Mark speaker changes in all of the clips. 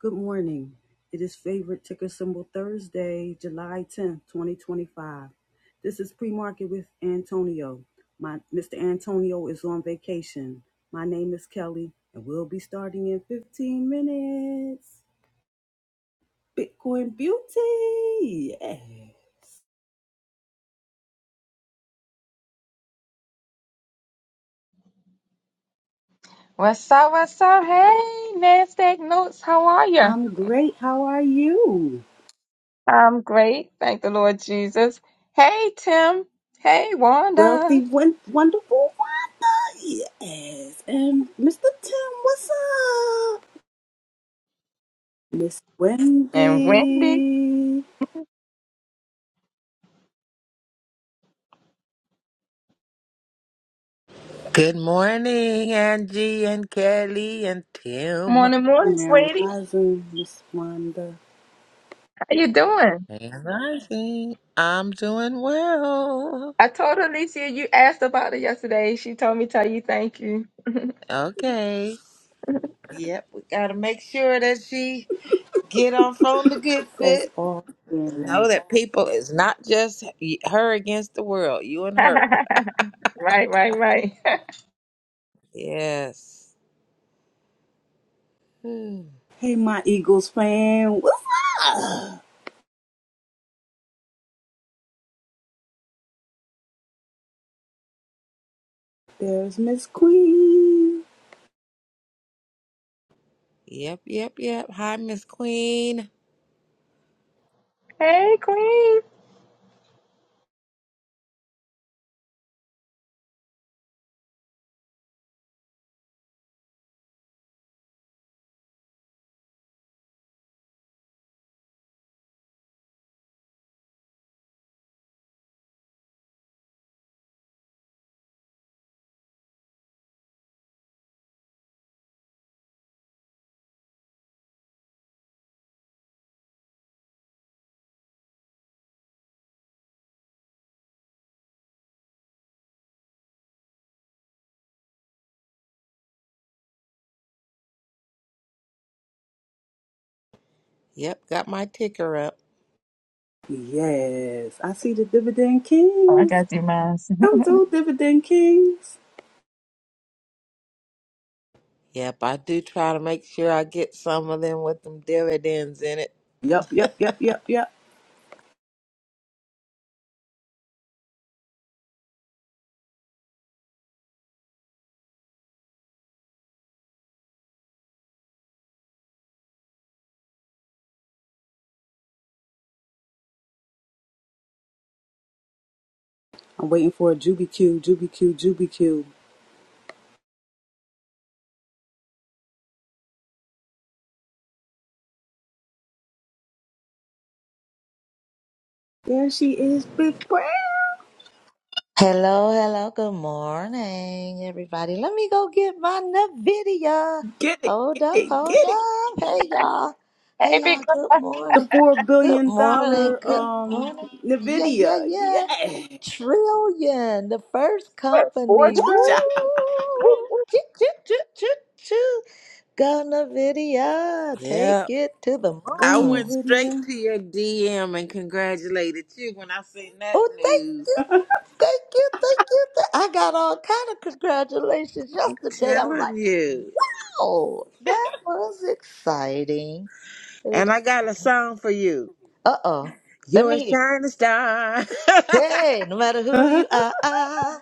Speaker 1: Good morning. It is favorite ticker symbol Thursday, July 10th, 2025. This is pre-market with Antonio. My Mr. Antonio is on vacation. My name is Kelly, and we'll be starting in 15 minutes. Bitcoin beauty. Yeah.
Speaker 2: What's up? What's up? Hey, NASDAQ Notes, how are you?
Speaker 1: I'm great. How are you?
Speaker 2: I'm great. Thank the Lord Jesus. Hey, Tim. Hey, Wanda.
Speaker 1: Wealthy, won- wonderful Wanda. Yes. And Mr. Tim, what's up? Miss
Speaker 2: And Wendy.
Speaker 1: Wendy.
Speaker 3: Good morning, Angie and Kelly and Tim.
Speaker 2: Morning, morning,
Speaker 1: And
Speaker 2: sweetie.
Speaker 1: rising, Miss Wanda.
Speaker 2: How you doing?
Speaker 3: And Rising. I'm doing well.
Speaker 2: I told Alicia you asked about it yesterday. She told me tell you thank you.
Speaker 3: Okay. Yep, we gotta make sure that she get on phone to get
Speaker 1: That's
Speaker 3: fit.
Speaker 1: awesome.
Speaker 3: Know that people is not just y- her against the world. You and her.
Speaker 2: right, right, right.
Speaker 3: Yes. Hmm.
Speaker 1: Hey, my Eagles fan, what's up? There's Miss Queen.
Speaker 3: Yep, yep, yep. Hi, Miss Queen.
Speaker 2: hey, Queen.
Speaker 3: Yep, got my ticker up.
Speaker 1: Yes, I see the Dividend
Speaker 2: Oh, I
Speaker 1: Kings.
Speaker 2: got you, Miles.
Speaker 1: Come through, Dividend Kings.
Speaker 3: Yep, I do try to make sure I get some of them with them dividends in it.
Speaker 1: Yup, yup, yup, yup, yup. I'm waiting for a Juby Q, Juby Q, Juby Q. There she is, Big Brown.
Speaker 4: Hello, hello, good morning, everybody. Let me go get my NVIDIA.
Speaker 1: Get it,
Speaker 4: Hold
Speaker 1: get
Speaker 4: up,
Speaker 1: it,
Speaker 4: hold
Speaker 1: get it.
Speaker 4: up. Hey, y'all. Hey,
Speaker 2: hey,
Speaker 4: y'all,
Speaker 2: Big Girl.
Speaker 4: good
Speaker 1: The
Speaker 4: morning.
Speaker 1: four
Speaker 4: Good
Speaker 1: billion
Speaker 4: morning,
Speaker 1: dollar
Speaker 4: good
Speaker 1: um
Speaker 4: morning. Yeah, yeah,
Speaker 1: Nvidia.
Speaker 4: yeah.
Speaker 1: Yeah.
Speaker 4: Trillion, the first
Speaker 2: What, four
Speaker 4: company. Woo!
Speaker 2: trillion?
Speaker 1: Woo-cha.
Speaker 2: Woo, woo.
Speaker 4: Choo, choo, choo, choo, choo. Go NVIDIA. Take
Speaker 3: Yeah.
Speaker 4: it to the
Speaker 1: Go
Speaker 3: I
Speaker 4: moon.
Speaker 3: went
Speaker 1: Nvidia.
Speaker 3: straight to your DM and congratulated you when I seen that
Speaker 4: Oh, thank
Speaker 3: news.
Speaker 4: you, thank you, thank you. Th- I got all kind of congratulations
Speaker 3: I'm
Speaker 4: yesterday. I'm like,
Speaker 3: telling you.
Speaker 4: oh, that was exciting.
Speaker 3: And I
Speaker 4: Ex-
Speaker 3: got a song for you.
Speaker 4: uh-oh, let
Speaker 3: You're a
Speaker 4: me
Speaker 3: shining star.
Speaker 4: hear. Hey, no matter who
Speaker 1: Uh,
Speaker 4: you are, I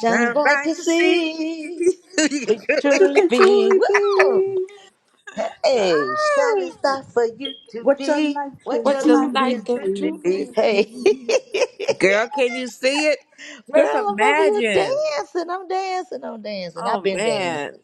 Speaker 4: shining
Speaker 3: Shine
Speaker 4: bright
Speaker 3: bright
Speaker 4: to
Speaker 3: to see.
Speaker 4: see
Speaker 3: you
Speaker 4: who
Speaker 3: can
Speaker 4: you
Speaker 3: truly
Speaker 1: You
Speaker 4: truly
Speaker 1: can
Speaker 4: be.
Speaker 1: truly
Speaker 4: Woo!
Speaker 1: be
Speaker 4: Hey, shining
Speaker 3: Oh,
Speaker 4: star for you to
Speaker 1: what your
Speaker 4: be
Speaker 1: life
Speaker 4: what
Speaker 1: can
Speaker 3: what
Speaker 4: your
Speaker 3: you
Speaker 4: life
Speaker 1: truly
Speaker 4: is
Speaker 3: like and
Speaker 1: be.
Speaker 4: truly
Speaker 3: truly
Speaker 4: be. Hey,
Speaker 3: see. Girl, can you see it? Just
Speaker 4: girl, I'm over here
Speaker 3: imagine.
Speaker 4: dancing. I'm dancing. I'm dancing. I've
Speaker 3: Oh
Speaker 4: been dancing.
Speaker 3: man.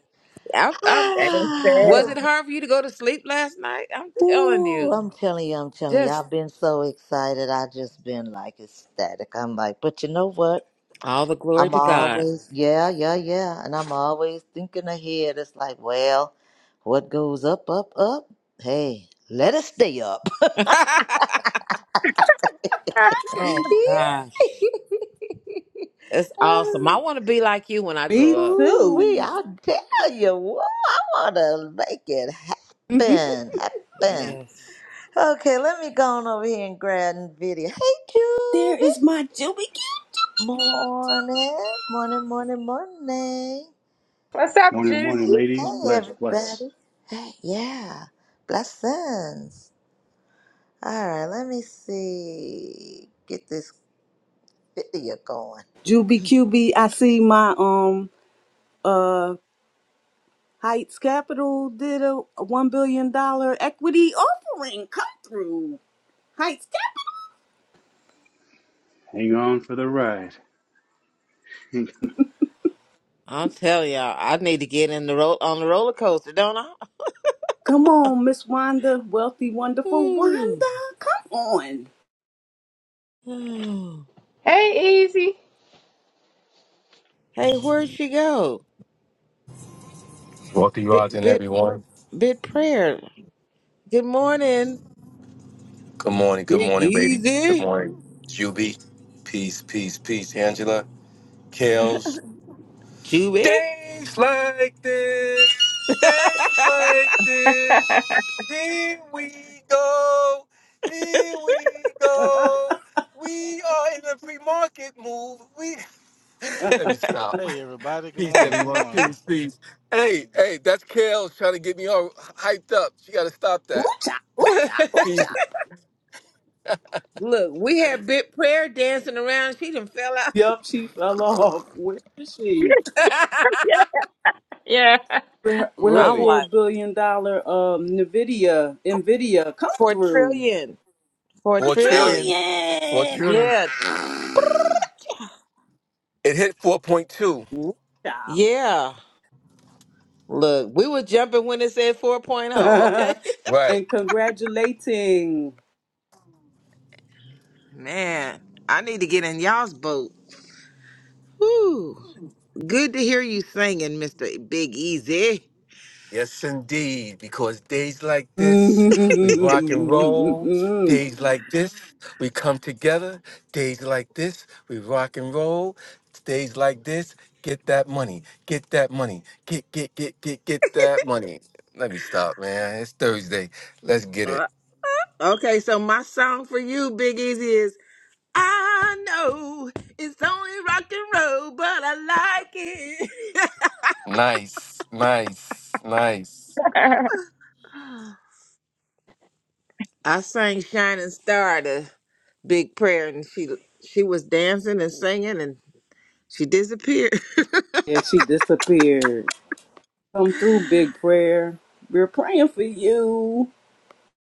Speaker 3: I, I,
Speaker 2: That's
Speaker 3: was
Speaker 2: it.
Speaker 4: Ah,
Speaker 3: it hard for you to go to sleep last night? I'm telling
Speaker 4: Ooh,
Speaker 3: you.
Speaker 4: I'm telling you, I'm telling you,
Speaker 3: just.
Speaker 4: I've been so excited. I just been like ecstatic. I'm like, but you know what?
Speaker 3: All the glory
Speaker 4: I'm
Speaker 3: to God.
Speaker 4: always, yeah, yeah, yeah. And I'm always thinking ahead. It's like, well, what goes up, up, up? Hey, let it stay up.
Speaker 3: oh
Speaker 4: Yeah.
Speaker 3: gosh. it's awesome. I
Speaker 4: Oh,
Speaker 3: want to be like you when I grow
Speaker 1: Me
Speaker 3: up.
Speaker 4: Ooh, we,
Speaker 1: too.
Speaker 4: I'll tell you what, I want to make it
Speaker 1: Mhm.
Speaker 4: happen, happen.
Speaker 3: Yes.
Speaker 4: Okay, let me go on over here and grab the video. Hey,
Speaker 1: there
Speaker 4: Juby.
Speaker 1: is my Juby
Speaker 4: Morning, morning, morning, morning.
Speaker 2: What's up,
Speaker 5: Morning,
Speaker 2: Judy?
Speaker 5: morning, ladies.
Speaker 4: Hey,
Speaker 5: Bless, bless.
Speaker 4: everybody. Hey, yeah. Blessings. All right, let me see. Get this video going.
Speaker 1: Juby QB. I see my um uh Heights Capital did a one billion dollar equity offering. Come through Heights Capital.
Speaker 5: Hang on for the ride. Hang on.
Speaker 3: i will tell y'all, I need to get in the roll on the roller coaster, don't I?
Speaker 1: Come on, Miss Wanda, wealthy, wonderful
Speaker 3: Ooh.
Speaker 1: Wanda. Come on.
Speaker 3: Oh.
Speaker 2: Hey, Easy.
Speaker 3: Hey, where'd she go?
Speaker 6: Welcome you
Speaker 3: Bit
Speaker 6: out and
Speaker 3: bit
Speaker 6: everyone.
Speaker 3: bit prayer. Good morning.
Speaker 6: Good morning, good
Speaker 3: Big
Speaker 6: morning, ladies. Good
Speaker 3: easy.
Speaker 6: morning, Juby. Peace, peace, peace, Angela. Kales.
Speaker 3: Chewy.
Speaker 6: Days like this, days like this. Here we go, here we go. We are in a free market move. We let me stop.
Speaker 7: Hey everybody, good
Speaker 6: Peace,
Speaker 7: morning, good
Speaker 6: everyone.
Speaker 7: morning,
Speaker 6: Peace, peace. Hey, hey, that's Kales trying to get me all hyped up. She got to stop that.
Speaker 1: Ooh cha, ooh cha, ooh cha.
Speaker 6: Peace.
Speaker 3: Look, we had bit prayer dancing around. She done fell out.
Speaker 1: Yup, she fell off. Where is she?
Speaker 2: Yeah.
Speaker 1: with her, with her
Speaker 3: I'm
Speaker 6: Really?
Speaker 3: like,
Speaker 1: four billion dollar um Nvidia Nvidia come
Speaker 3: For a
Speaker 1: through
Speaker 3: trillion. For a
Speaker 1: four
Speaker 6: Four
Speaker 3: trillion.
Speaker 6: trillion. Four
Speaker 1: trillion.
Speaker 6: trillion.
Speaker 3: Yeah.
Speaker 1: Ah!
Speaker 6: It hit 4.2.
Speaker 1: Wow.
Speaker 3: Yeah. Look, we were jumping when it said 4.0, point oh. okay?
Speaker 6: Right.
Speaker 1: and congratulating.
Speaker 3: Man, I need to get in y'all's boat. Whew. Good to hear you singing, Mr. Big Easy.
Speaker 6: Yes, indeed. Because days like this,
Speaker 1: yeah,
Speaker 6: we rock and roll. Days like this, we come together. Days like this, we rock and roll. Days like this, get that money. Get that money. Get, get, get, get, get that money. Let me stop, man. It's Thursday. Let's get it.
Speaker 3: Uh, Okay, so my song for you, Big Easy, is I know it's only rock and roll, but I like it.
Speaker 6: Nice, nice, nice.
Speaker 2: That's
Speaker 3: I sang Shining Star to Big Prayer and she she was dancing and singing and. She disappeared.
Speaker 1: she disappeared. Come through, big prayer. We're praying for you.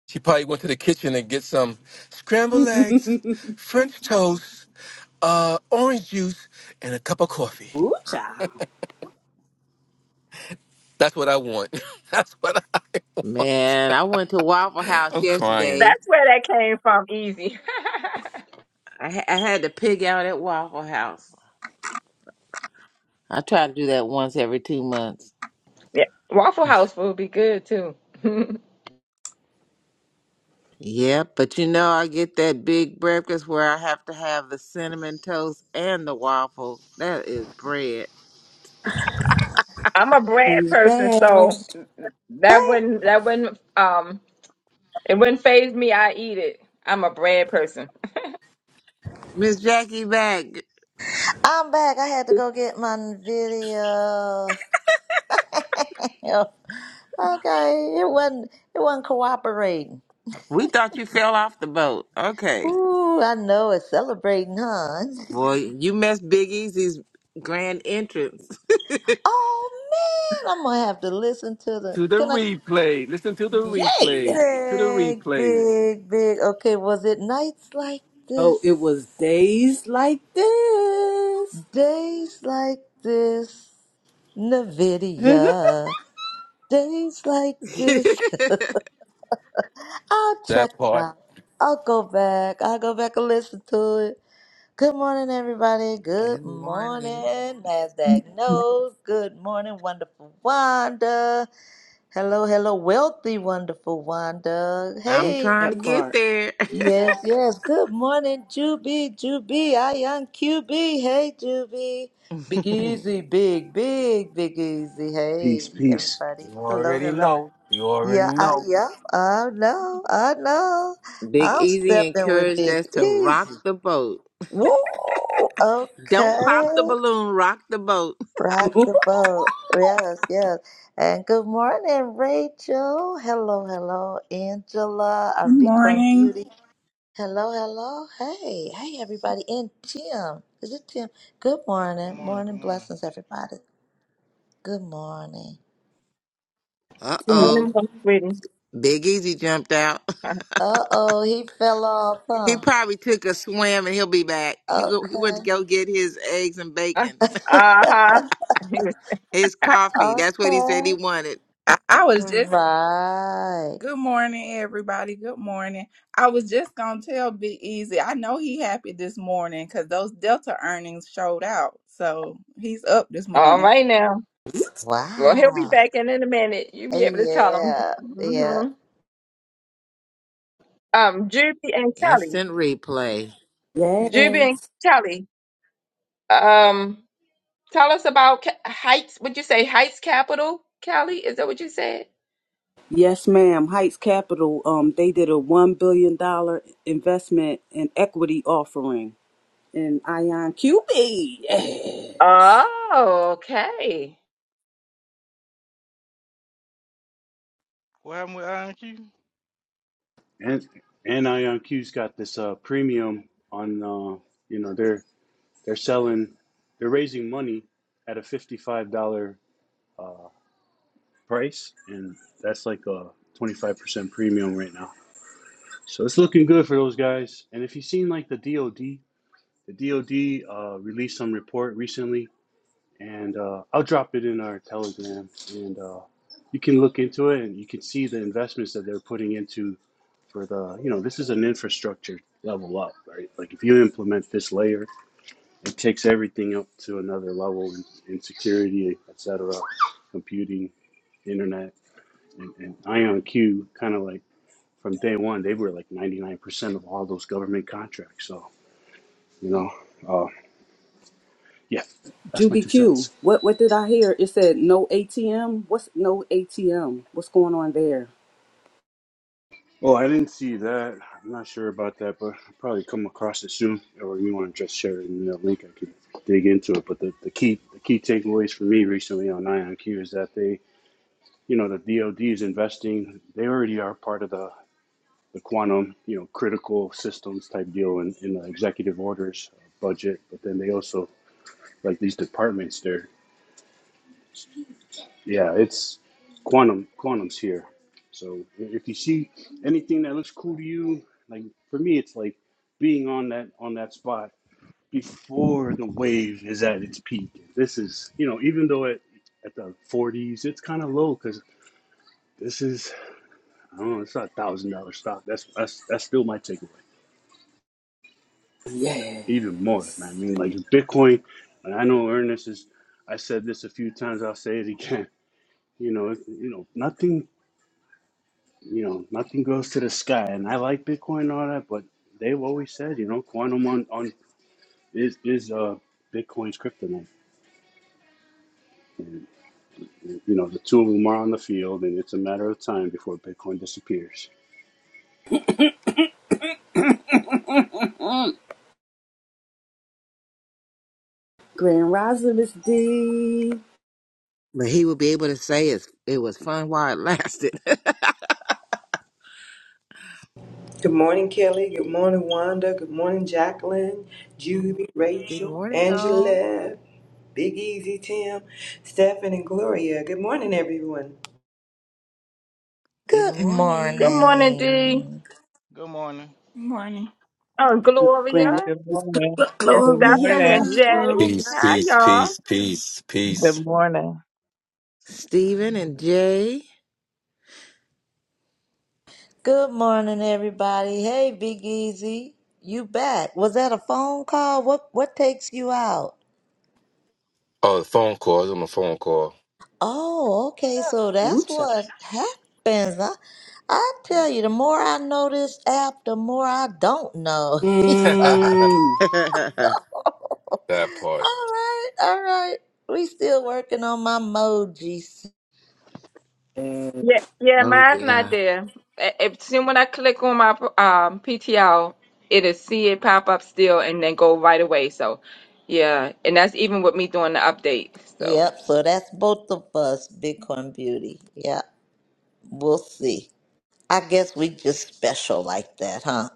Speaker 6: She probably went to the kitchen and get some scrambled eggs,
Speaker 1: Ooh,
Speaker 6: French toast, uh, orange juice, and a cup of coffee.
Speaker 1: child.
Speaker 6: That's what I want. That's what I want.
Speaker 3: Man, I went to Waffle House
Speaker 6: I'm crying.
Speaker 3: yesterday.
Speaker 2: where that came from, easy.
Speaker 3: I, ha- I had to pig out at Waffle House. I try to do that once every two months.
Speaker 2: yeah. Waffle House would be good too.
Speaker 3: Yeah, but you know, I get that big breakfast where I have to have the cinnamon toast and the waffle. That is bread.
Speaker 2: I'm a bread
Speaker 1: She's
Speaker 2: person,
Speaker 1: back.
Speaker 2: so that
Speaker 4: Hey,
Speaker 2: wouldn't that wouldn't um it wouldn't phase me. I eat it. I'm a bread person.
Speaker 3: Miss Jackie back.
Speaker 4: I'm back. I had to go get my video. okay, it wasn't. It wasn't cooperating.
Speaker 3: We thought you fell off the boat. Okay.
Speaker 4: Ooh, I know it's celebrating, huh?
Speaker 3: Boy, you missed Big Easy's grand entrance.
Speaker 4: Oh man, I'm gonna have to listen to the.
Speaker 6: To the
Speaker 4: Can I?
Speaker 6: replay. Listen to the
Speaker 1: Yay!
Speaker 6: replay. To the
Speaker 4: Big,
Speaker 6: replays.
Speaker 4: big, big. Okay, was it nights like
Speaker 1: Oh, it was
Speaker 4: this,
Speaker 1: days like this.
Speaker 4: days like this, Nvidia, days like
Speaker 3: Good
Speaker 4: this? I'll check
Speaker 6: That
Speaker 4: it
Speaker 6: part.
Speaker 4: out. I'll go back. I'll go back and listen to it. Good morning, everybody. Good
Speaker 3: morning.
Speaker 4: morning,
Speaker 8: Good
Speaker 4: Nasdaq knows. Good morning, wonderful Wanda. Hello, hello, wealthy, wonderful Wanda.
Speaker 3: I'm
Speaker 4: Hey.
Speaker 3: trying to
Speaker 1: That
Speaker 3: get
Speaker 1: part.
Speaker 3: there.
Speaker 4: Yes, yes. Good morning, Juby, Juby. I am QB. Hey, Juby. Big Easy, big, big, big Easy.
Speaker 5: peace,
Speaker 4: Hey,
Speaker 5: peace.
Speaker 4: everybody.
Speaker 6: You
Speaker 4: Hello,
Speaker 6: already
Speaker 4: hello.
Speaker 6: know. You already
Speaker 4: Yeah, I,
Speaker 6: know.
Speaker 4: yeah. I know. I know.
Speaker 3: Big
Speaker 4: I'm
Speaker 3: Easy
Speaker 4: stepping with
Speaker 3: encouraged
Speaker 4: Big
Speaker 3: us to rock
Speaker 4: Easy.
Speaker 3: the boat.
Speaker 4: Woo!
Speaker 3: Don't pop the
Speaker 4: Okay.
Speaker 3: balloon, rock the boat.
Speaker 4: Rock the boat. Yes, yes. And good morning, Rachel. Hello, hello, Angela, our Bitcoin
Speaker 8: morning.
Speaker 4: beauty. Hello, hello. Hey, hey, everybody. And Tim. Is it Tim? Good
Speaker 7: good
Speaker 4: morning.
Speaker 7: morning, good
Speaker 4: Morning
Speaker 7: morning.
Speaker 4: blessings, everybody. Good morning.
Speaker 3: Uh
Speaker 1: Them-
Speaker 3: oh.
Speaker 2: Morning, Mom Sweden.
Speaker 3: Big Easy jumped out.
Speaker 4: Uh oh, he fell off,
Speaker 3: He
Speaker 4: huh?
Speaker 3: probably took a swim and he'll be back. He go, he went to
Speaker 4: Okay.
Speaker 3: go get his eggs and
Speaker 2: Uh
Speaker 3: bacon,
Speaker 2: huh.
Speaker 3: his coffee. That's what he said
Speaker 4: okay.
Speaker 3: he wanted.
Speaker 8: I, I was just
Speaker 4: Right.
Speaker 8: good morning, everybody. Good morning. I was just gonna tell Big Easy. I know he happy this morning because those Delta earnings showed out, so he's up this
Speaker 2: all
Speaker 8: morning.
Speaker 2: right now. Well, he'll be
Speaker 4: Wow.
Speaker 2: back in in a minute. You'll be able to tell him.
Speaker 4: Yeah, yeah.
Speaker 2: hmm Um, Juby and Kelly.
Speaker 3: Instant replay.
Speaker 2: Juby and
Speaker 1: Yes.
Speaker 2: Kelly. Um, Tell us about Ca- Heights. Would you say Heights Capital, Kelly? Is that what you said?
Speaker 1: Yes, ma'am. Heights Capital. Um, they did a one billion dollar investment and equity offering in Ion QB. Yes.
Speaker 2: Oh, okay.
Speaker 7: What happened with IQ?
Speaker 5: And and IonQ's got this uh, premium on. Uh, you know they're they're selling. They're raising money at a fifty-five dollar uh, price, and that's like a twenty-five percent premium right now. So it's looking good for those guys. And if you've seen like the DoD, the DoD uh, released some report recently and uh, I'll drop it in our Telegram, and uh, you can look into it, and you can see the investments that they're putting into for the, you know, this is an infrastructure level up, right? Like if you implement this layer, it takes everything up to another level in, in security, et cetera, computing, internet, and, and IonQ kind of like from day one, they were like 99% of all those government contracts. So, you know, uh, yeah, that's my
Speaker 1: Juby
Speaker 5: two
Speaker 1: Q.
Speaker 5: cents.
Speaker 1: What what did I hear? It said no ATM. What's no ATM? What's going on there?
Speaker 5: Oh, I didn't see that. I'm not sure about that, but I'll probably come across it soon. Or you want to just share it in the link, I could dig into it. But the, the key the key takeaways for me recently on IonQ is that they, you know, the DoD is investing. They already are part of the, the quantum, you know, critical systems type deal in, in the executive orders budget. But then they also like these departments there. Yeah, it's quantum. Quantum's here. So i- if you see anything that looks cool to you, like for me, it's like being on that on that spot before the wave is at its peak. This is, you know, even though at at the 40s, it's kind of low because this is, I don't know, it's not a thousand dollar stock. That's that's that's still my takeaway.
Speaker 1: Yes.
Speaker 5: Even more, man. I mean, like Bitcoin. And I know Ernest is. I said this a few times. I'll say it again. You know, it- you know, nothing you know, nothing goes to the sky. And I like Bitcoin and all that, but they've always said, you know, quantum on, on is is uh Bitcoin's kryptonite. You know, the two of them are on the field, and it's a matter of time before Bitcoin disappears.
Speaker 1: Mm. Grand Rising Miss D.
Speaker 3: But he will be able to say it's, it was fun while it lasted.
Speaker 9: Good morning, Kelly. Good morning, Wanda. Good morning, Jacqueline, Judy,
Speaker 3: Good
Speaker 9: Rachel,
Speaker 3: morning, all.
Speaker 9: Angela, Big Easy, Tim, Stephen, and Gloria. Good morning, everyone.
Speaker 3: Good
Speaker 4: Good
Speaker 2: Good
Speaker 3: morning.
Speaker 2: morning, D.
Speaker 4: morning.
Speaker 7: Good morning.
Speaker 8: morning.
Speaker 2: Oh,
Speaker 1: Grand Rising
Speaker 2: Gloria
Speaker 10: Good morning.
Speaker 2: and
Speaker 10: Good
Speaker 2: Stefan
Speaker 10: morning.
Speaker 2: and
Speaker 3: Hey,
Speaker 1: Gloria.
Speaker 2: Jay.
Speaker 6: Peace,
Speaker 3: Gloria.
Speaker 2: Hi,
Speaker 6: peace,
Speaker 2: y'all.
Speaker 6: peace, peace,
Speaker 10: Good
Speaker 6: peace.
Speaker 10: morning.
Speaker 3: Stephen and Jay.
Speaker 4: Good morning, everybody. Hey, Big Easy, you back? Was that a phone call? What what takes you out?
Speaker 6: Oh, the phone call. I'm a phone call.
Speaker 4: Oh, okay. So
Speaker 1: Ooh,
Speaker 4: that's
Speaker 1: child.
Speaker 4: what happens. I, I tell you, the more I know this app, the more I don't know.
Speaker 6: that
Speaker 1: Mm.
Speaker 3: oh,
Speaker 4: all
Speaker 6: part.
Speaker 4: right, all right. We still working on my emojis.
Speaker 1: Yes.
Speaker 2: Yeah, yeah, mine's not
Speaker 3: yeah.
Speaker 2: there. A- If soon when I click on my um PTL, it'll see it pop up still and then go right away. So, yeah, and that's even with me doing the update. So.
Speaker 4: Yep. So that's both of us, Bitcoin Beauty. Yeah, we'll see. I guess we just special like that, huh?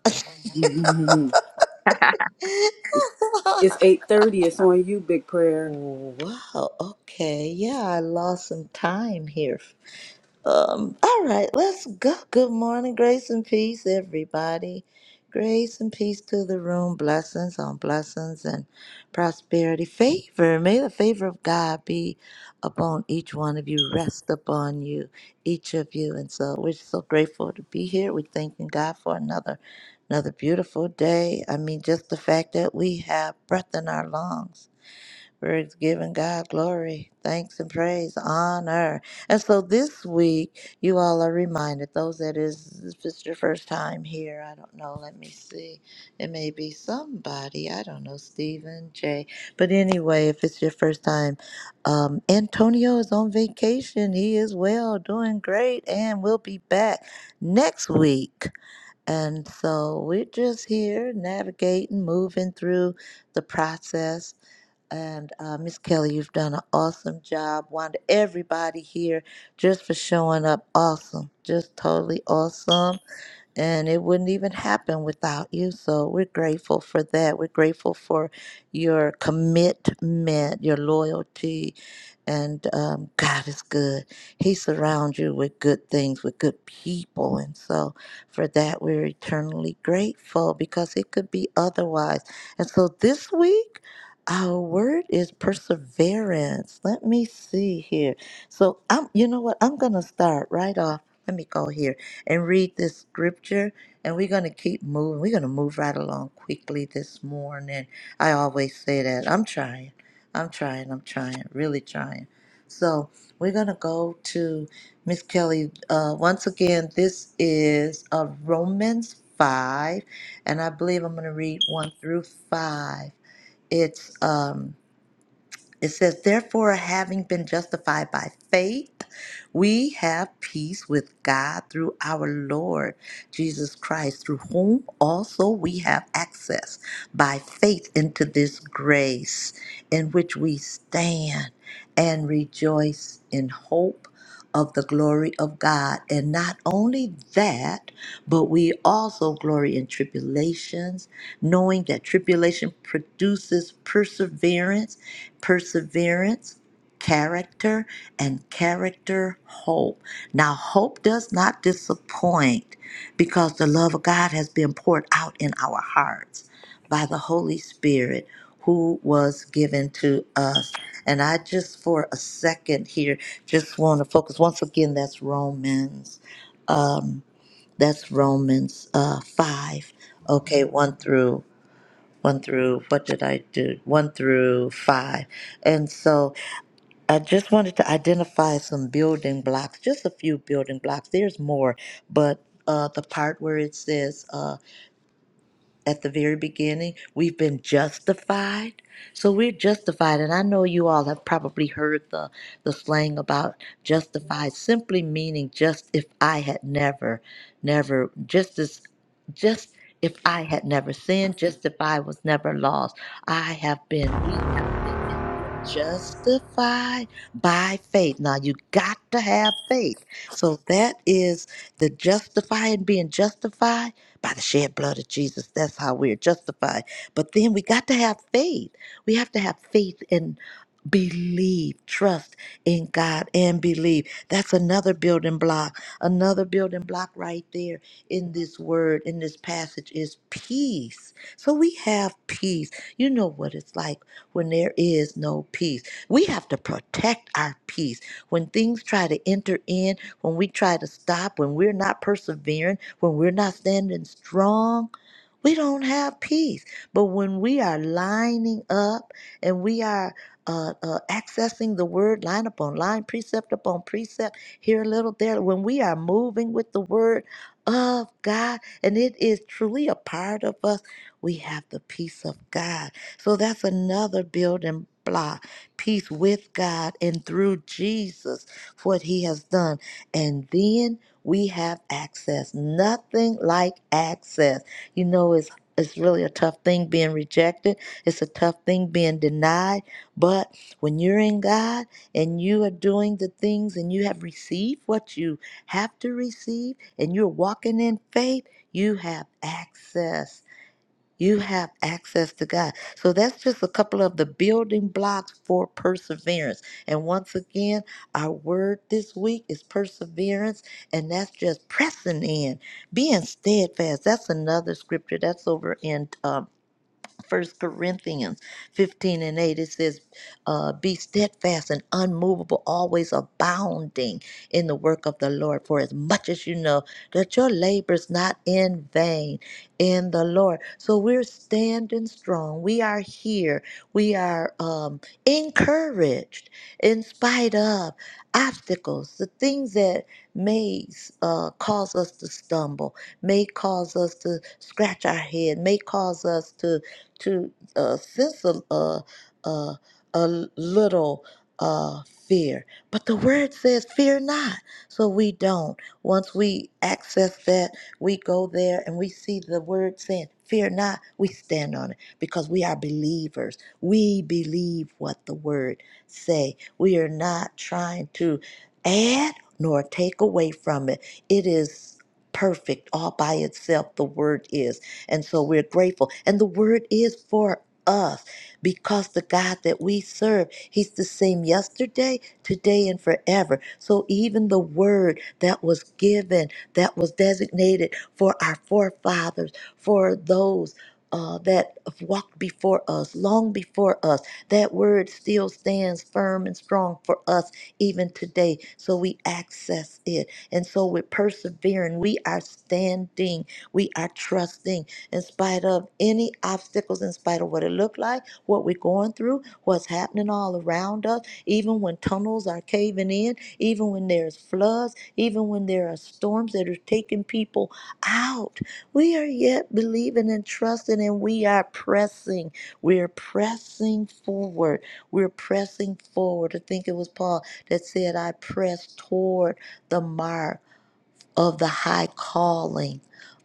Speaker 1: Mhm. It's 8.30. It's on you, Big Prayer.
Speaker 4: Oh, wow. Okay. Yeah, I lost some time here. Um, all right, let's go. Good morning, grace and peace, everybody. Grace and peace to the room. Blessings on blessings and prosperity. Favor. May the favor of God be upon each one of you, rest upon you, each of you. And so we're so grateful to be here. We're thanking God for another another beautiful day. I mean, just the fact that we have breath in our lungs we're giving God glory, thanks, and praise, honor. And so this week, you all are reminded, those that is, if it's your first time here, I don't know, let me see. It may be somebody, I don't know, Stephen, Jay. But anyway, if it's your first time, um, Antonio is on vacation. He is well, doing great, and will be back next week. And so we're just here navigating, moving through the process. And uh, Miss Kelly, you've done an awesome job. Wanda, everybody here, just for showing up, awesome, just totally awesome and it wouldn't even happen without you. So we're grateful for that. We're grateful for your commitment, your loyalty, and um, God is good. He surrounds you with good things, with good people, and so for that we're eternally grateful because it could be otherwise. And so this week. Our word is perseverance. Let me see here. So I'm you know what? I'm gonna start right off. Let me go here and read this scripture. And we're going to keep moving. We're going to move right along quickly this morning. I always say that. I'm trying. I'm trying. I'm trying. Really trying. So we're going to go to Miss Kelly. Uh, once again, this is uh, Romans 5. And I believe I'm going to read 1 through 5. It's. Um, it says, Therefore, having been justified by faith, we have peace with God through our Lord Jesus Christ, through whom also we have access by faith into this grace in which we stand and rejoice in hope of the glory of God. And not only that, but we also glory in tribulations knowing that tribulation produces perseverance, perseverance, character, and character, hope. Now, hope does not disappoint because the love of God has been poured out in our hearts by the Holy Spirit. Who was given to us. And I just for a second here just want to focus once again. That's Romans. Um, that's Romans uh, 5, okay, 1 through one through what did I do? One through five. And so I just wanted to identify some building blocks, just a few building blocks. There's more, but uh, the part where it says. uh, at the very beginning. We've been justified. So we're justified. And I know you all have probably heard the, the slang about justified, simply meaning just if I had never, never, just as, just if I had never sinned, just if I was never lost. I have been, we have been, we're justified by faith. Now you got to have faith. So that is the justifying, being justified by the shed blood of Jesus, that's how we're justified. But then we got to have faith. We have to have faith and believe, trust in God and believe. That's another building block. Another building block right there in this word, in this passage is peace. So we have peace. You know what it's like when there is no peace. We have to protect our peace. When things try to enter in, when we try to stop, when we're not persevering, when we're not standing strong, we don't have peace. But when we are lining up and we are uh, uh, accessing the word line upon line, precept upon precept, here a little, there, when we are moving with the word of God, and it is truly a part of us, we have the peace of God. So that's another building block peace with God and through Jesus, what he has done. And then we have access. Nothing like access. You know, it's it's really a tough thing being rejected. It's a tough thing being denied. But when you're in God and you are doing the things and you have received what you have to receive and you're walking in faith, you have access you have access to God. So that's just a couple of the building blocks for perseverance. And once again, our word this week is perseverance, and that's just pressing in, being steadfast. That's another scripture that's over in uh, First Corinthians 15 and 8, it says, uh, Be steadfast and unmovable, always abounding in the work of the Lord, for as much as you know that your labor is not in vain in the Lord. So we're standing strong. We are here. We are um, encouraged in spite of obstacles, the things that may uh, cause us to stumble, may cause us to scratch our head, may cause us to to uh, sense a, a, a, a little uh, fear. But the word says, fear not. So we don't. Once we access that, we go there and we see the word saying, fear not. We stand on it because we are believers. We believe what the word say. We are not trying to add nor take away from it. It is perfect all by itself the word is and so we're grateful. And the word is for us because the God that we serve, He's the same yesterday, today, and forever. So even the word that was given, that was designated for our forefathers, for those. Uh, that have walked before us, long before us. That word still stands firm and strong for us even today. So we access it. And so we're persevering. We are standing. We are trusting in spite of any obstacles, in spite of what it looked like, what we're going through, what's happening all around us, even when tunnels are caving in, even when there's floods, even when there are storms that are taking people out. We are yet believing and trusting, and we are pressing. We're pressing forward. We're pressing forward. I think it was Paul that said, I press toward the mark of the high calling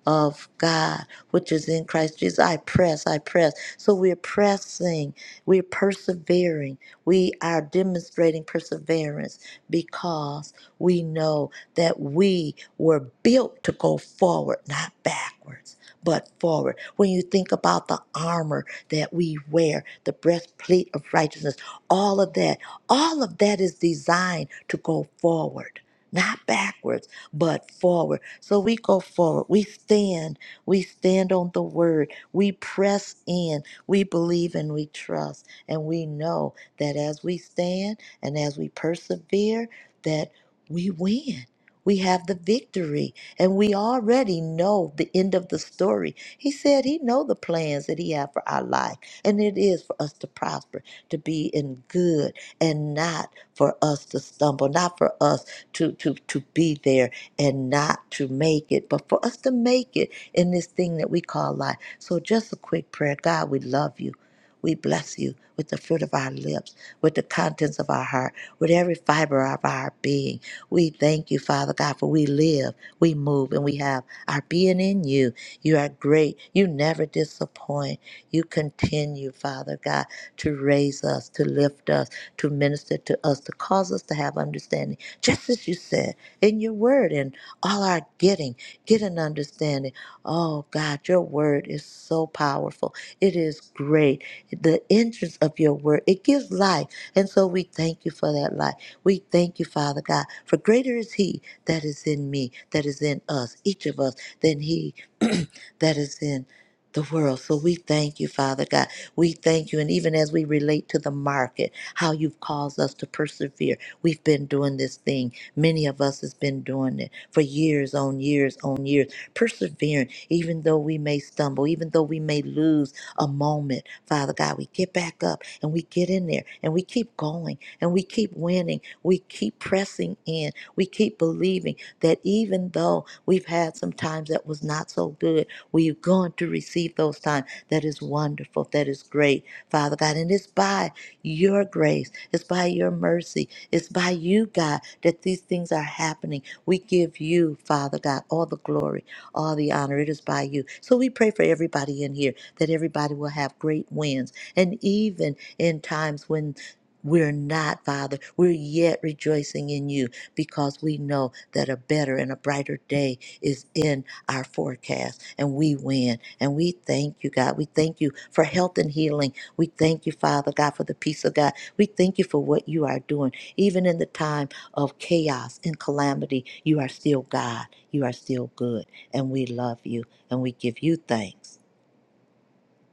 Speaker 4: of God, which is in Christ Jesus. I press, I press. So we're pressing, we're persevering, we are demonstrating perseverance because we know that we were built to go forward, not backwards. But forward. When you think about the armor that we wear, the breastplate of righteousness, all of that, all of that is designed to go forward not backwards but forward. So we go forward. We stand. We stand on the word. We press in. We believe and we trust. And we know that as we stand and as we persevere, that we win. We have the victory and we already know the end of the story. He said he know the plans that he have for our life and it is for us to prosper, to be in good and not for us to stumble, not for us to to to be there and not to make it, but for us to make it in this thing that we call life. So, just a quick prayer God, we love you. We bless you with the fruit of our lips, with the contents of our heart, with every fiber of our being. We thank you, Father God, for we live, we move, and we have our being in you. You are great. You never disappoint. You continue, Father God, to raise us, to lift us, to minister to us, to cause us to have understanding. Just as you said, in your word and all our getting. Get an understanding. Oh God, your word is so powerful. It is great. The entrance of your word, it gives life. And so we thank you for that life. We thank you, Father God, for greater is he that is in me, that is in us, each of us, than he that is in the world. So we thank you, Father God. We thank you. And even as we relate to the market, how you've caused us to persevere, we've been doing this thing. Many of us has been doing it for years on years on years, persevering, even though we may stumble, even though we may lose a moment. Father God, we get back up and we get in there and we keep going and we keep winning. We keep pressing in. We keep believing that even though we've had some times that was not so good, we're going to receive those times. That is wonderful. That is great, Father God. And it's by your grace, it's by your mercy it's by you, God, that these things are happening. We give you, Father God, all the glory, all the honor. It is by you. So we pray for everybody in here that everybody will have great wins. And even in times when we're not, Father, we're yet rejoicing in you because we know that a better and a brighter day is in our forecast and we win. And we thank you, God. We thank you for health and healing we thank you, Father God, for the peace of God. We thank you for what you are doing. Even in the time of chaos and calamity, you are still God. You are still good. And we love you and we give you thanks.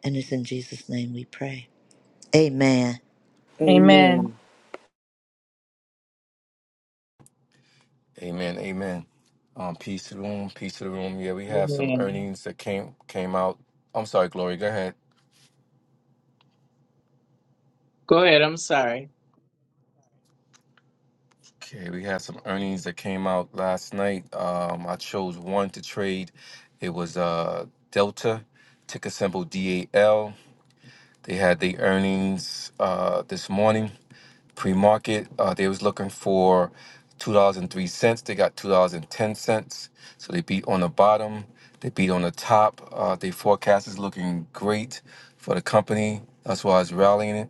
Speaker 4: And it's in Jesus' name we pray. Amen.
Speaker 2: Amen.
Speaker 1: Amen.
Speaker 6: Amen. Amen. Um, peace to the room. Peace to the room. Yeah, we have some
Speaker 10: Amen.
Speaker 6: earnings that came came out. I'm sorry, Glory. Go ahead.
Speaker 10: Go ahead. I'm sorry.
Speaker 6: Okay, we have some earnings that came out last night. Um, I chose one to trade. It was uh Delta, ticker symbol DAL. They had the earnings uh this morning. pre-market. Uh, they was looking for two dollars and three cents. They got two dollars and ten cents. So they beat on the bottom. They beat on the top. Uh, they forecast is looking great for the company. That's why it's rallying it.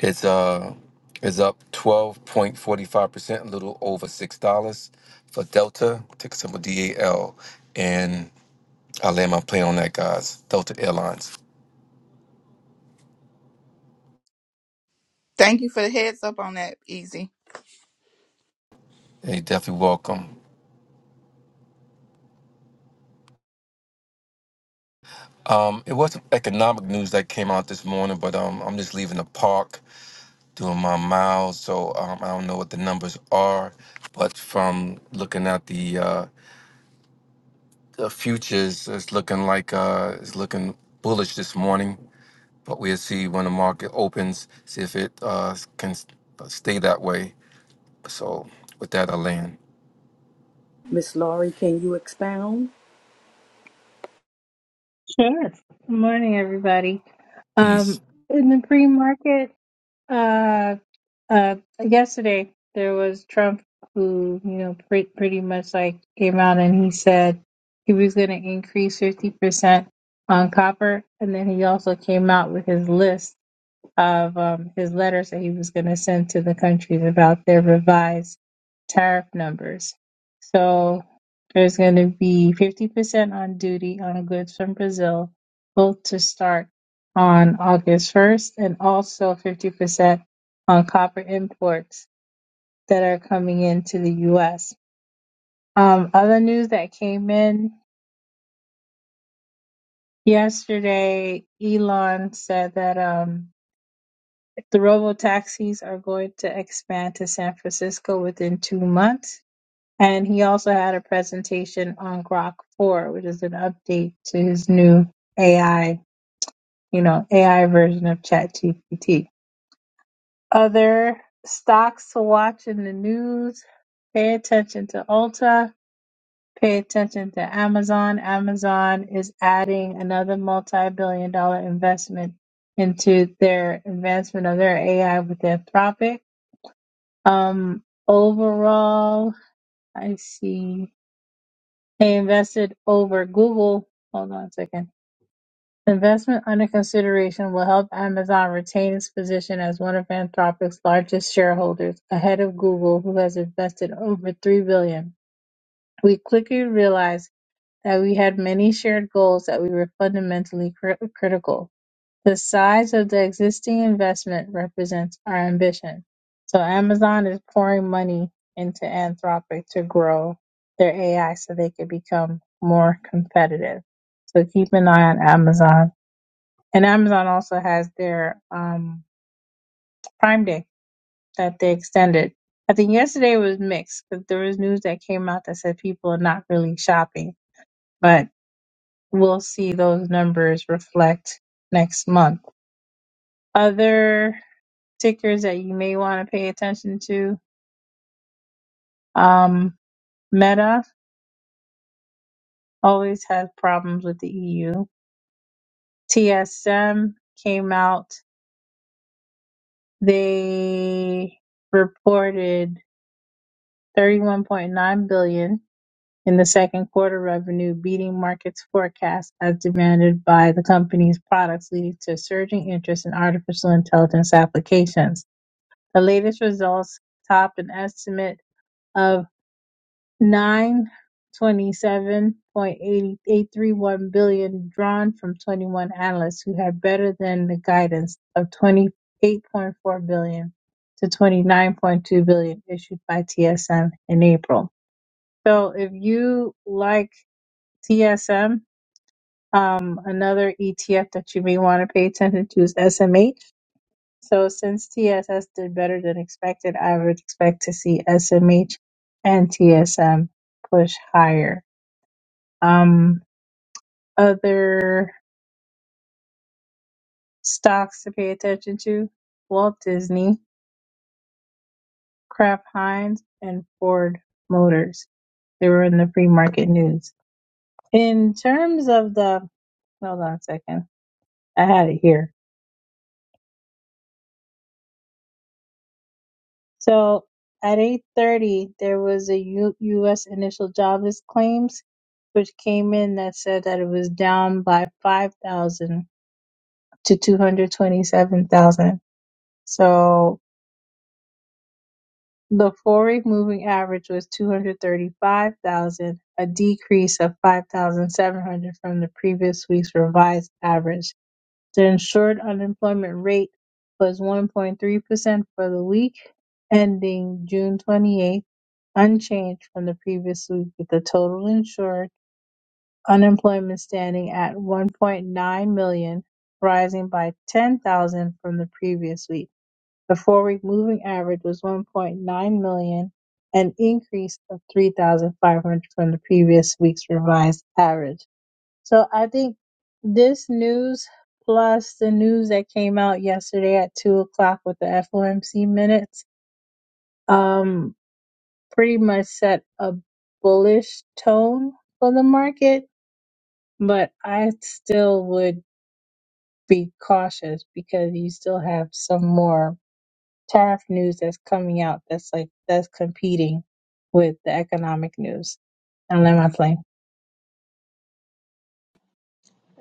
Speaker 6: It's uh is up twelve point forty five percent, a little over six dollars for Delta. Ticker symbol D A L. And I land my plane on that, guys. Delta Airlines.
Speaker 8: Thank you for the heads up on that, Easy.
Speaker 6: Hey, definitely welcome. Um, it was some economic news that came out this morning, but um, I'm just leaving the park doing my miles, so um, I don't know what the numbers are. But from looking at the uh, the futures, it's looking like uh, it's looking bullish this morning. But we'll see when the market opens, see if it uh, can s- stay that way. So with that, I land.
Speaker 1: Miss Laurie, can you expound?
Speaker 11: Sure. Good morning, everybody.
Speaker 6: Peace.
Speaker 11: Um, in the pre-market, uh, uh, yesterday there was Trump who, you know, pre- pretty much like came out and he said he was going to increase 50% on copper. And then he also came out with his list of um, his letters that he was going to send to the countries about their revised tariff numbers. So there's going to be 50% on duty on goods from Brazil, both to start on August 1st, and also 50% on copper imports that are coming into the U.S. Um, other news that came in yesterday, Elon said that. Um, The robo taxis are going to expand to San Francisco within two months. And he also had a presentation on Grok 4, which is an update to his new AI, you know, AI version of ChatGPT. Other stocks to watch in the news, pay attention to Ulta, pay attention to Amazon. Amazon is adding another multi-billion dollar investment into their advancement of their AI with Anthropic. Um, overall, I see they invested over Google. Hold on a second. Investment under consideration will help Amazon retain its position as one of Anthropic's largest shareholders, ahead of Google, who has invested over three billion. We quickly realized that we had many shared goals that we were fundamentally cri- critical. The size of the existing investment represents our ambition. So Amazon is pouring money into Anthropic to grow their AI so they could become more competitive. So keep an eye on Amazon. And Amazon also has their um, Prime Day that they extended. I think yesterday was mixed because there was news that came out that said people are not really shopping, but we'll see those numbers reflect next month. Other tickers that you may want to pay attention to. Um, Meta always has problems with the EU. TSM came out, they reported 31.9 billion in the second quarter revenue, beating markets forecasts as demanded by the company's products, leading to surging interest in artificial intelligence applications. The latest results top an estimate of. nine twenty-seven point eighty eight three one billion drawn from 21 analysts who had better than the guidance of 28.4 billion to 29.2 billion issued by TSM in April. So if you like TSM, um, another ETF that you may want to pay attention to is SMH. So since TSS did better than expected, I would expect to see SMH and TSM push higher. Um, other stocks to pay attention to: Walt Disney, Kraft Heinz, and Ford Motors. They were in the free market news. In terms of the, hold on a second, I had it here. So at 8:30, there was a U- U.S. initial jobless claims, which came in that said that it was down by 5,000 to 227,000. So The four-week moving average was 235,000, a decrease of 5,700 from the previous week's revised average. The insured unemployment rate was 1.3% for the week ending June 28th, unchanged from the previous week, with the total insured unemployment standing at 1.9 million, rising by 10,000 from the previous week. The four-week moving average was 1.9 million, an increase of 3,500 from the previous week's revised average. So I think this news plus the news that came out yesterday at two o'clock with the FOMC minutes, um, pretty much set a bullish tone for the market. But I still would be cautious because you still have some more. tariff news that's coming out that's like that's competing with the economic news. And then I'm like,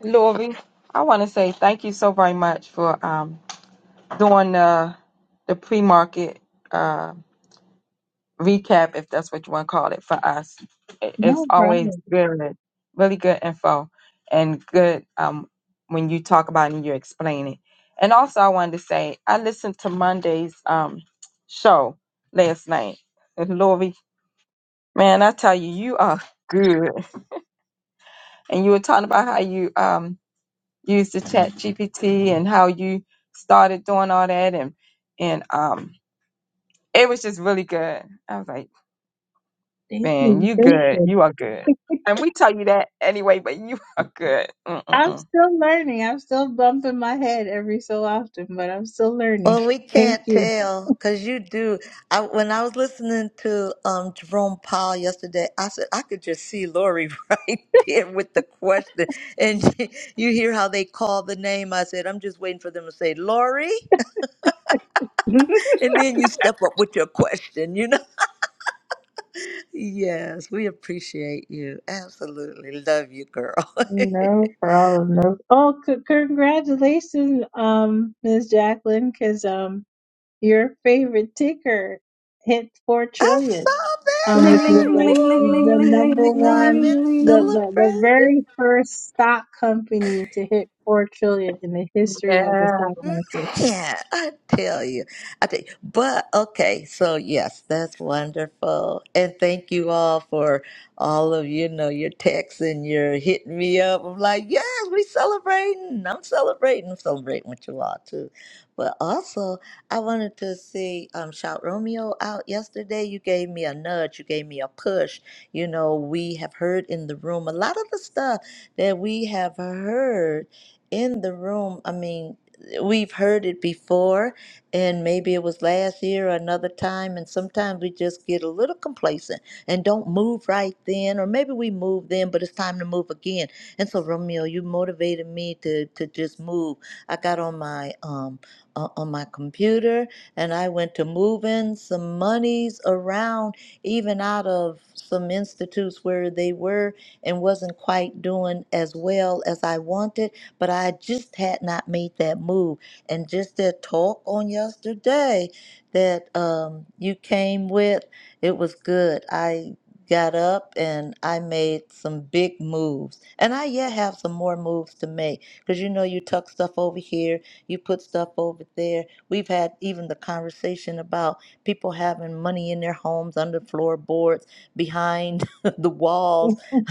Speaker 2: Lori, I want to say thank you so very much for um doing uh, the pre-market uh, recap, if that's what you want to call it, for us. It- It's
Speaker 11: no
Speaker 2: always
Speaker 11: problem.
Speaker 2: good, really good info, and good um, when you talk about it and you explain it. And also, I wanted to say I listened to Monday's um, show last night. And Lori, man, I tell you, you are good. And you were talking about how you um, used the Chat GPT and how you started doing all that, and and um, It was just really good. I was like,
Speaker 11: Thank
Speaker 2: man,
Speaker 11: you.
Speaker 2: you
Speaker 11: Thank
Speaker 2: good.
Speaker 11: you.
Speaker 2: You are good. And we tell you that anyway, but you are good.
Speaker 11: I'm
Speaker 2: Mm-mm-mm.
Speaker 11: still learning. I'm still bumping my head every so often, but I'm still learning.
Speaker 4: Well, we
Speaker 11: Thank
Speaker 4: can't
Speaker 11: you.
Speaker 4: tell because you do. I, when I was listening to um, Jerome Powell yesterday, I said I could just see Lori right there with the question, and you hear how they call the name. I said I'm just waiting for them to say Lori. And then you step up with your question, you know? Yes, we appreciate you. Absolutely. Love you, girl. I
Speaker 11: No problem. No. Oh, c- congratulations, um, Ms. Jacqueline, because um, your favorite ticker hit four trillion.
Speaker 4: saw
Speaker 11: um,
Speaker 1: Ling
Speaker 11: which
Speaker 1: ling
Speaker 11: is
Speaker 4: that.
Speaker 1: ling
Speaker 4: Woo!
Speaker 11: like
Speaker 1: ling ling ling ling
Speaker 11: the
Speaker 1: ling
Speaker 11: number
Speaker 4: You
Speaker 1: ling ling
Speaker 4: know, I've
Speaker 11: one,
Speaker 4: been
Speaker 1: ling
Speaker 11: the,
Speaker 1: ling.
Speaker 11: the, the
Speaker 4: celebrating.
Speaker 11: very first stock company to hit four trillion in the history of the
Speaker 2: Yeah.
Speaker 11: stock market.
Speaker 4: Man, I tell you, I tell you. But okay, so yes, that's wonderful, and thank you all for all of you know your texts and your hitting me up. I'm like, yes, we celebrating. I'm celebrating. I'm celebrating with you all too. But also, I wanted to see um, shout Romeo out yesterday. You gave me a nudge. You gave me a push. You know, we have heard in the room a lot of the stuff that we have heard in the room. I mean we've heard it before, and maybe it was last year or another time, and sometimes we just get a little complacent and don't move right then, or maybe we move then, but it's time to move again. And so, Romeo, you motivated me to to just move. I got on my um o- on my computer and I went to moving some monies around, even out of some institutes where they were and wasn't quite doing as well as I wanted but I just had not made that move. And just that talk on yesterday that um, you came with, it was good. I got up and I made some big moves. And I yet have some more moves to make because you know, you tuck stuff over here, you put stuff over there. We've had even the conversation about people having money in their homes, under floorboards, behind the walls,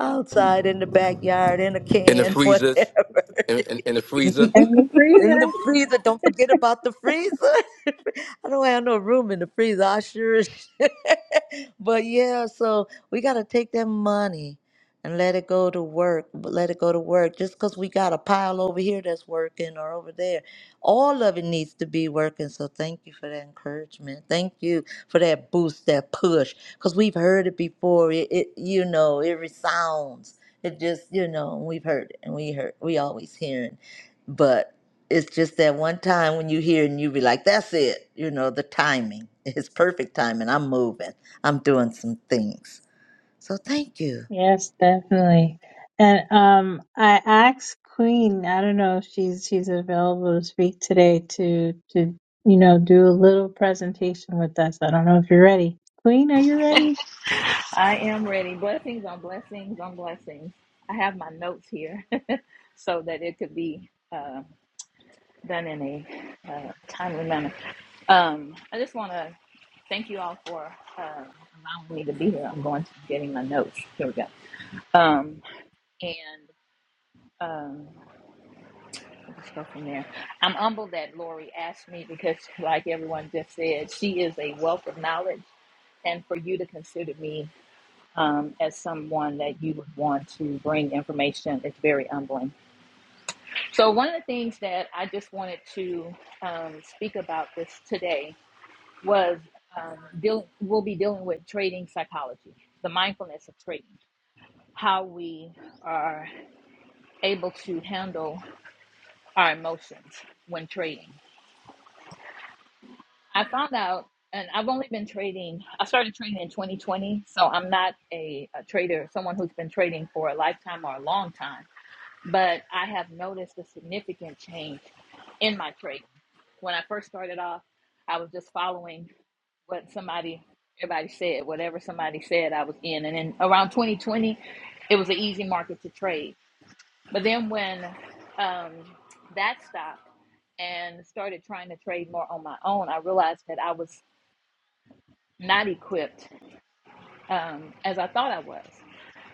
Speaker 4: outside in the backyard, in a
Speaker 6: In the
Speaker 4: can,
Speaker 6: freezers,
Speaker 4: whatever.
Speaker 6: in, in, in the freezer.
Speaker 11: and the
Speaker 4: In the
Speaker 11: freezer.
Speaker 4: freezer, don't forget about the freezer. I don't have no room in the freezer. I sure. as shit. but yeah, so we gotta take that money and let it go to work. Let it go to work. Just because we got a pile over here that's working or over there, all of it needs to be working. So thank you for that encouragement. Thank you for that boost, that push. Because we've heard it before. It, it, you know, it resounds. It just, you know, we've heard it and we heard, we always hearing it's just that one time when you hear and you be like, that's it. You know, the timing. It's perfect timing. I'm moving. I'm doing some things. So thank you.
Speaker 11: Yes, definitely. And um, I asked Queen. I don't know if she's she's available to speak today to to you know do a little presentation with us. I don't know if you're ready. Queen, are you ready?
Speaker 12: I am ready. Blessings on blessings on blessings. I have my notes here so that it could be uh, done in a uh, timely manner. Um, I just want to thank you all for uh, allowing me to be here. I'm going to be getting my notes. Here we go. Um, and um, let's go from there. I'm humbled that Lori asked me because, like everyone just said, she is a wealth of knowledge, and for you to consider me. um, as someone that you would want to bring information is very humbling. So, one of the things that I just wanted to um, speak about this today was um, deal, we'll be dealing with trading psychology, the mindfulness of trading, how we are able to handle our emotions when trading. I found out, and I've only been trading, I started trading in 2020, so I'm not a, a trader, someone who's been trading for a lifetime or a long time but I have noticed a significant change in my trading. When I first started off, I was just following what somebody, everybody said, whatever somebody said, I was in. And then around 2020, it was an easy market to trade. But then when um, that stopped and started trying to trade more on my own, I realized that I was not equipped um, as I thought I was.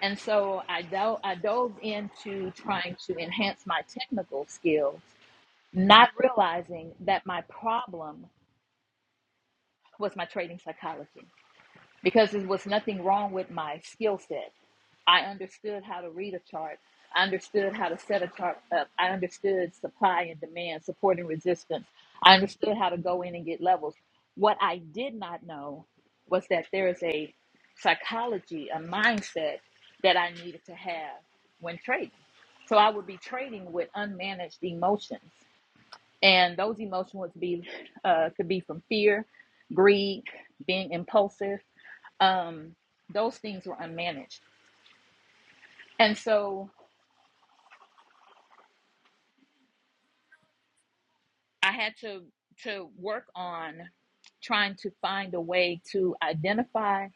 Speaker 12: And so I, do- I dove into trying to enhance my technical skill not realizing that my problem was my trading psychology because there was nothing wrong with my skill set. I understood how to read a chart. I understood how to set a chart up. I understood supply and demand, support and resistance. I understood how to go in and get levels. What I did not know was that there is a psychology, a mindset that I needed to have when trading. So I would be trading with unmanaged emotions and those emotions to be uh, could be from fear greed being impulsive um, those things were unmanaged and so i had to to work on trying to find a way to identify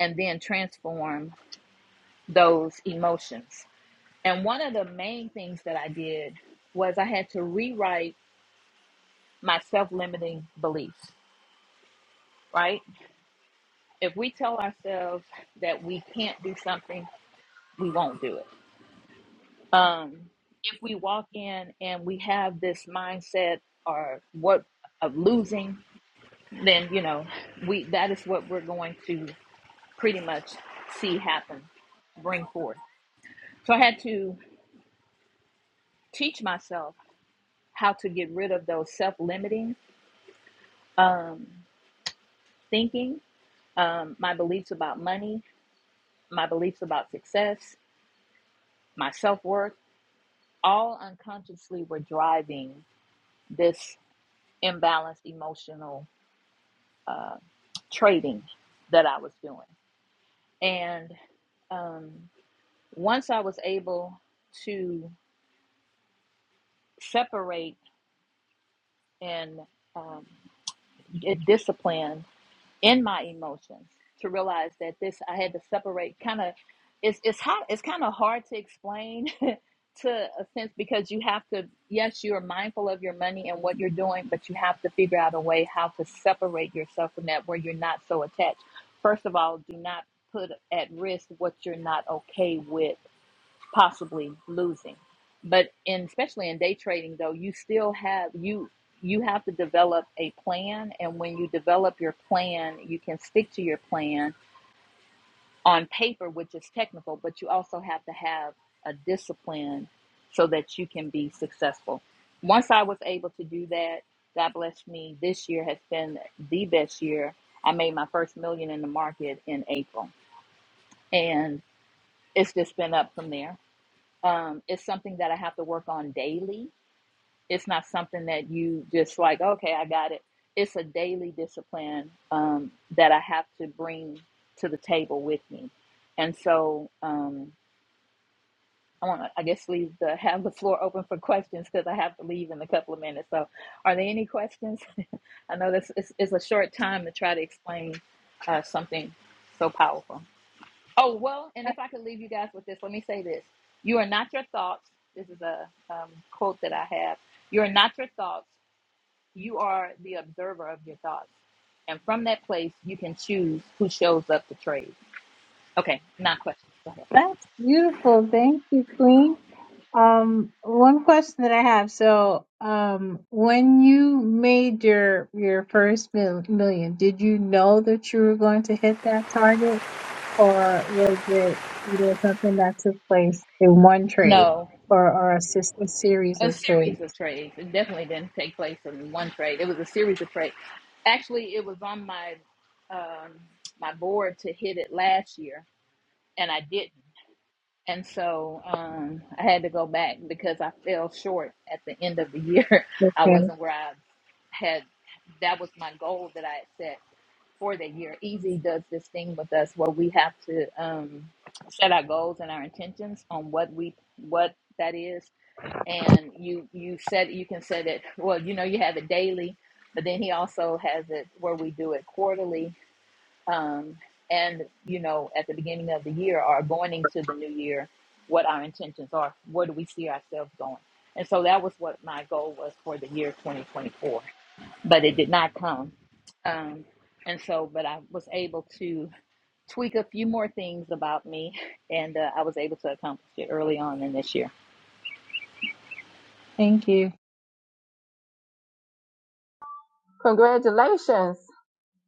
Speaker 12: and then transform those emotions and one of the main things that i did was i had to rewrite my self-limiting beliefs right if we tell ourselves that we can't do something we won't do it um, if we walk in and we have this mindset or what of losing, then you know we that is what we're going to pretty much see happen, bring forth. So I had to teach myself how to get rid of those self-limiting thinking, um, my beliefs about money, my beliefs about success, my self-worth, all unconsciously were driving this imbalanced emotional trading that I was doing. And um, once I was able to separate and um, get disciplined in my emotions, to realize that this I had to separate. Kind of, it's it's hard. It's kind of hard to explain to a sense because you have to. Yes, you are mindful of your money and what you're doing, but you have to figure out a way how to separate yourself from that where you're not so attached. First of all, do not put at risk what you're not okay with possibly losing. But in especially in day trading though, you still have you you have to develop a plan and when you develop your plan, you can stick to your plan on paper which is technical, but you also have to have a discipline so that you can be successful. Once I was able to do that, God bless me, this year has been the best year. I made my first million in the market in April and it's just been up from there um, it's something that I have to work on daily. It's not something that you just like, okay, I got it. It's a daily discipline um, that I have to bring to the table with me. And so um, I want to, I guess, leave the have the floor open for questions because I have to leave in a couple of minutes. So, are there any questions? I know this is, is a short time to try to explain uh, something so powerful. Oh, well, and if I could leave you guys with this, let me say this. You are not your thoughts. This is a um, quote that I have. You are not your thoughts. You are the observer of your thoughts. And from that place, you can choose who shows up to trade. Okay, not questions. Go ahead.
Speaker 11: That's beautiful. Thank you, Queen. Um, one question that I have. So, um, when you made your your first mil million, did you know that you were going to hit that target? or was it you know something that took place in one trade
Speaker 12: No,
Speaker 11: or or a, sys- a series
Speaker 12: a
Speaker 11: of trades?
Speaker 12: series of trades. It definitely didn't take place in one trade. It was a series of trades. Actually, it was on my um, my board to hit it last year, and I didn't. And so um, I had to go back because I fell short at the end of the year. I
Speaker 11: Okay,
Speaker 12: wasn't where I had, that was my goal that I had set for the year. Easy does this thing with us where we have to um, set our goals and our intentions on what we, what that is. And you, you set, you can set it, well, you know, you have it daily, but then he also has it where we do it quarterly um, and you know at the beginning of the year or going into the new year what our intentions are where do we see ourselves going and so that was what my goal was for the year 2024 but it did not come um, and so but i was able to tweak a few more things about me and uh, i was able to accomplish it early on in this year
Speaker 11: thank you.
Speaker 2: Congratulations,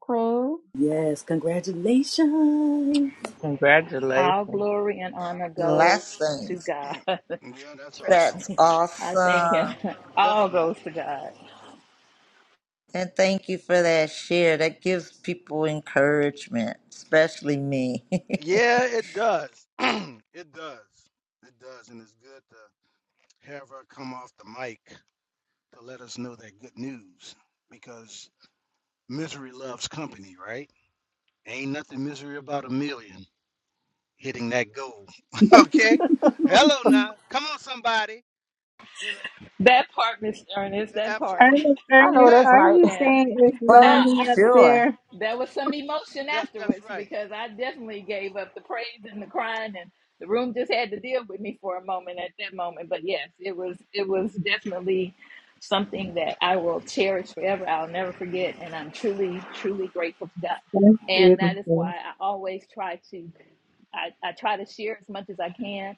Speaker 2: Queen.
Speaker 1: Yes, congratulations.
Speaker 10: Congratulations.
Speaker 12: all glory and honor goes
Speaker 4: Last
Speaker 12: to
Speaker 4: things
Speaker 12: god
Speaker 13: Yeah, that's
Speaker 12: trust
Speaker 13: awesome.
Speaker 4: That's
Speaker 12: me i thank him
Speaker 4: awesome.
Speaker 12: all
Speaker 13: Definitely.
Speaker 12: goes to god
Speaker 4: And thank you for that share. That gives people encouragement, especially me.
Speaker 13: Yeah, it does. it does. It does. And it's good to have her come off the mic to let us know that good news because misery loves company, right? Ain't nothing misery about a million hitting that goal. okay? Hello now. Come on, somebody. You know,
Speaker 12: That part, Miss Ernest, that part.
Speaker 13: absolutely.
Speaker 11: Ernest,
Speaker 2: I know
Speaker 11: Ernest,
Speaker 13: Yeah,
Speaker 2: that's
Speaker 11: are
Speaker 2: right.
Speaker 11: you
Speaker 12: And
Speaker 11: saying it's
Speaker 4: for
Speaker 12: now
Speaker 11: lonely up
Speaker 4: sure.
Speaker 11: there?
Speaker 12: there was some emotion
Speaker 13: that, that's
Speaker 12: afterwards
Speaker 13: right.
Speaker 12: because I definitely gave up the praise and the crying and the room just had to deal with me for a moment at that moment. But yes, it was it was definitely something that I will cherish forever. I'll never
Speaker 13: hmm
Speaker 12: forget and I'm truly, truly grateful for that.
Speaker 11: That's
Speaker 12: And that is
Speaker 11: beautiful.
Speaker 12: why I always try to I, I try to share as much as I can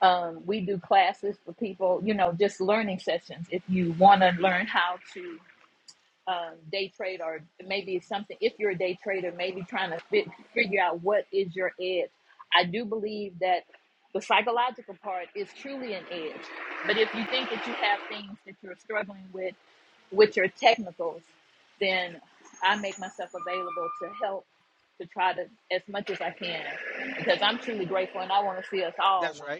Speaker 12: um, we do classes for people, you know, just learning sessions. If you want to learn how to um, day trade, or maybe it's something, if you're a day trader, maybe trying to fit, figure out what is your edge. I do believe that the psychological part is truly an edge. But if you think that you have things that you're struggling with, with your technicals, then I make myself available to help to try to as much as I can because I'm truly grateful and I want to see us all
Speaker 13: That's right.
Speaker 12: win.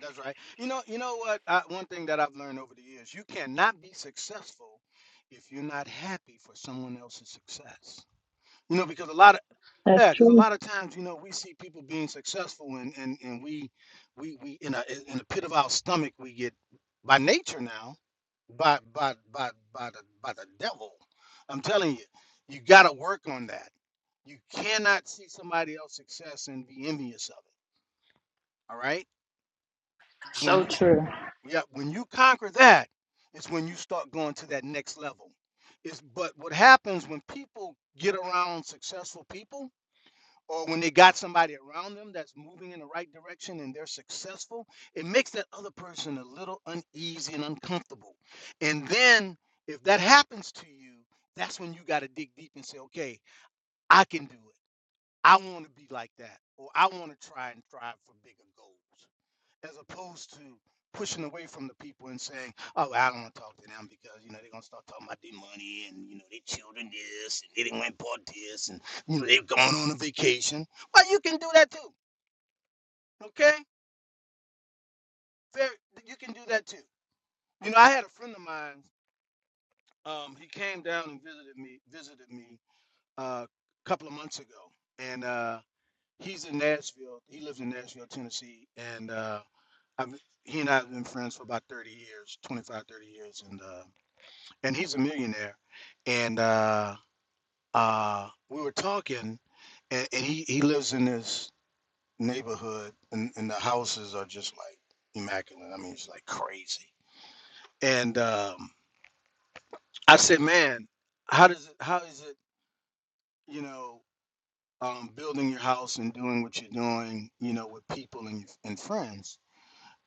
Speaker 13: That's right. You know, you know what? I, one thing that I've learned over the years, you cannot be successful if you're not happy for someone else's success. You know, because a lot of
Speaker 11: That's
Speaker 13: yeah, because a
Speaker 11: true.
Speaker 13: lot of times, you know, we see people being successful and and and we we we in a in a pit of our stomach we get by nature now, by by by by the by the devil. I'm telling you, you got to work on that. You cannot see somebody else's success and be envious of it. All right? when
Speaker 12: So
Speaker 13: you.
Speaker 12: true.
Speaker 13: Yeah, when you conquer that, it's when you start going to that next level. It's but what happens when people get around successful people or when they got somebody around them that's moving in the right direction and they're successful, it makes that other person a little uneasy and uncomfortable. And then if that happens to you, that's when you got to dig deep and say, "Okay, I can do it. I want to be like that or I want to try and strive for bigger goals." as opposed to pushing away from the people and saying, "Oh, I don't want to talk to them because you know they're gonna start talking about their money and you know their children this and they didn't went bought this and you know they've gone on a vacation." Well, you can do that too, okay? Very, you can do that too. You know, I had a friend of mine. Um, he came down and visited me. Visited me uh, a couple of months ago, and uh, he's in Nashville. He lives in Nashville, Tennessee, and uh, I've, he and I have been friends for about 30 years, 25, 30 years, and uh, and he's a millionaire. And uh, uh, we were talking, and, and he, he lives in this neighborhood, and, and the houses are just like immaculate. I mean, it's like crazy. And um, I said, man, how does it, how is it, you know, um, building your house and doing what you're doing, you know, with people and, and friends?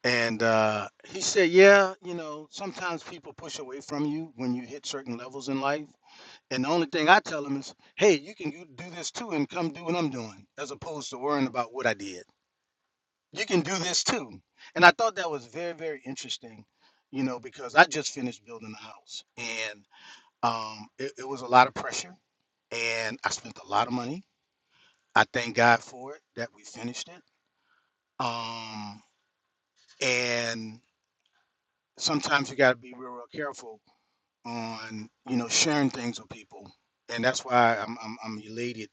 Speaker 13: And uh, he said, yeah, you know, sometimes people push away from you when you hit certain levels in life And the only thing I tell them is, hey, you can do this too and come do what I'm doing, as opposed to worrying about what I did. You can do this too. And I thought that was very, very interesting, you know, because I just finished building a house and um, it, it was a lot of pressure and I spent a lot of money. I thank God for it that we finished it. Um, and sometimes you got to be real, real careful on, you know, sharing things with people. And that's why I'm, I'm, I'm elated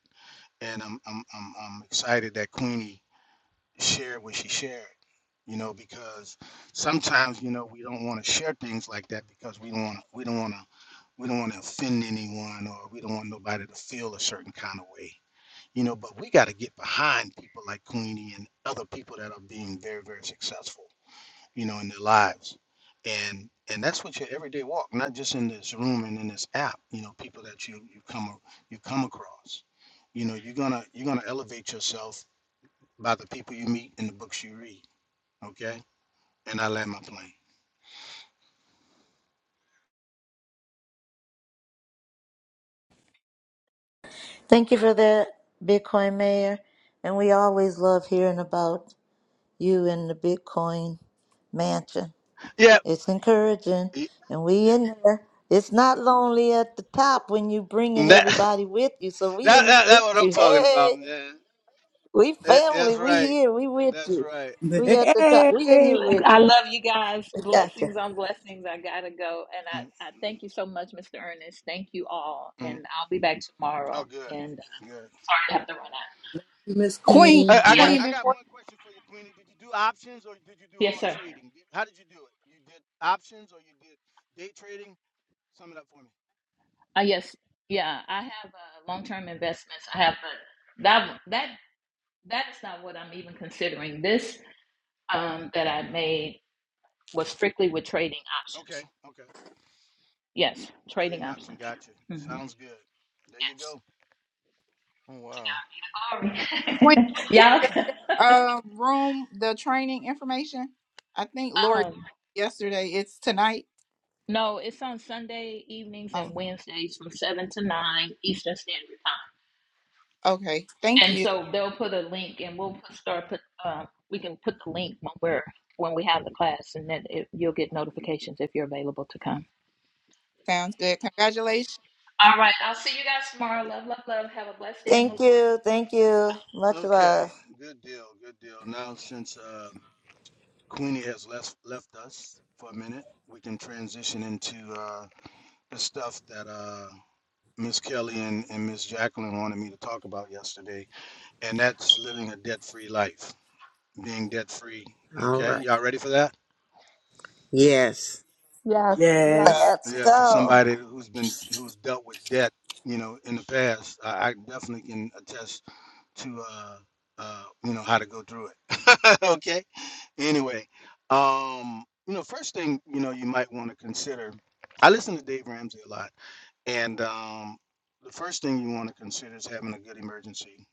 Speaker 13: and I'm I'm I'm, I'm excited that Queenie shared what she shared. You know, because sometimes you know we don't want to share things like that because we don't want we don't want to we don't want to offend anyone or we don't want nobody to feel a certain kind of way. You know, but we got to get behind people like Queenie and other people that are being very very successful you know, in their lives. And and that's what your everyday walk, not just in this room and in this app, you know, people that you you come a- you come across. You know, you're gonna you're gonna elevate yourself by the people you meet and the books you read. Okay? And I land my plane.
Speaker 4: Thank you for that, Bitcoin Mayor. And we always love hearing about you and the Bitcoin mansion.
Speaker 13: Yeah.
Speaker 4: It's encouraging,
Speaker 13: y-
Speaker 4: and we in there. It's not lonely at the top when you bringing
Speaker 13: That
Speaker 4: everybody with you. So we
Speaker 13: that
Speaker 4: in there
Speaker 13: that, that
Speaker 4: with
Speaker 13: what I'm
Speaker 4: you.
Speaker 13: talking about,
Speaker 4: Hey,
Speaker 13: man.
Speaker 4: we
Speaker 13: That-
Speaker 4: family.
Speaker 13: that's
Speaker 4: We
Speaker 13: right.
Speaker 4: here. We with
Speaker 13: That's
Speaker 4: you.
Speaker 13: right.
Speaker 4: We at the top. We in
Speaker 1: Hey,
Speaker 4: here with
Speaker 12: I
Speaker 4: you.
Speaker 12: love you guys.
Speaker 4: We got you.
Speaker 12: Blessings on blessings. I gotta go. And
Speaker 13: Mm,
Speaker 12: I, I thank you so much, Mr. Ernest. Thank you all.
Speaker 13: mm.
Speaker 12: And I'll be back
Speaker 13: Oh
Speaker 12: tomorrow.
Speaker 13: good.
Speaker 12: And uh,
Speaker 13: Good.
Speaker 12: sorry I have to run out.
Speaker 1: Miss
Speaker 8: Queen,
Speaker 13: I,
Speaker 1: Queen,
Speaker 13: I got
Speaker 1: love.
Speaker 8: Queen,
Speaker 12: Yes.
Speaker 13: I got
Speaker 8: before
Speaker 13: one question for you, Queenie. Did you do options or did you do
Speaker 12: Yes,
Speaker 13: all
Speaker 12: sir.
Speaker 13: trading? Did- How did you do it? You did options or you did day trading? Sum it up for me.
Speaker 12: Uh, yes. Yeah. I have uh, long term investments. I have but that that that is not what I'm even considering. This um that I made was strictly with trading
Speaker 13: Okay,
Speaker 12: options.
Speaker 13: okay.
Speaker 12: Yes, trading
Speaker 13: Trading option,
Speaker 12: options.
Speaker 13: gotcha.
Speaker 12: hmm
Speaker 13: Sounds good. There you go.
Speaker 7: Oh wow.
Speaker 12: Yes.
Speaker 8: Queen,
Speaker 12: Glory. Y'all.
Speaker 8: uh, room the training information. I think Lori
Speaker 12: um,
Speaker 8: yesterday. It's tonight.
Speaker 12: No, it's on Sunday evenings and
Speaker 8: Oh,
Speaker 12: Wednesdays from seven to nine Eastern Standard Time.
Speaker 8: okay. Thank
Speaker 12: And
Speaker 8: you.
Speaker 12: so they'll put a link, and we'll put, start put. Um, we can put the link when we're when we have the class, and then it, you'll get notifications if you're available to come.
Speaker 8: Sounds good. Congratulations. Thank
Speaker 12: All
Speaker 8: you.
Speaker 12: right, I'll see you guys tomorrow. Love, love, love. Have a blessed day in the
Speaker 4: Thank
Speaker 13: Mhm.
Speaker 12: Lord.
Speaker 4: you. Thank you. Much
Speaker 13: Okay,
Speaker 4: love.
Speaker 13: good deal, good deal. Now since uh, Queenie has left left us for a minute, we can transition into uh, the stuff that uh, Miss Kelly and, and Miss Jacqueline wanted me to talk about yesterday, and that's living a debt-free life. being debt free.
Speaker 3: All
Speaker 13: Okay,
Speaker 3: right.
Speaker 13: y'all ready for that?
Speaker 3: Yes.
Speaker 2: That's,
Speaker 13: Yeah,
Speaker 1: Yes,
Speaker 4: Let's
Speaker 13: yeah. For
Speaker 4: go.
Speaker 13: somebody who's been who's dealt with debt, you know, in the past, I, I definitely can attest to uh, uh, you know how to go through it. okay. Anyway, um, you know, first thing you know you might want to consider. I listen to Dave Ramsey a lot, and um, the first thing you want to consider is having a good emergency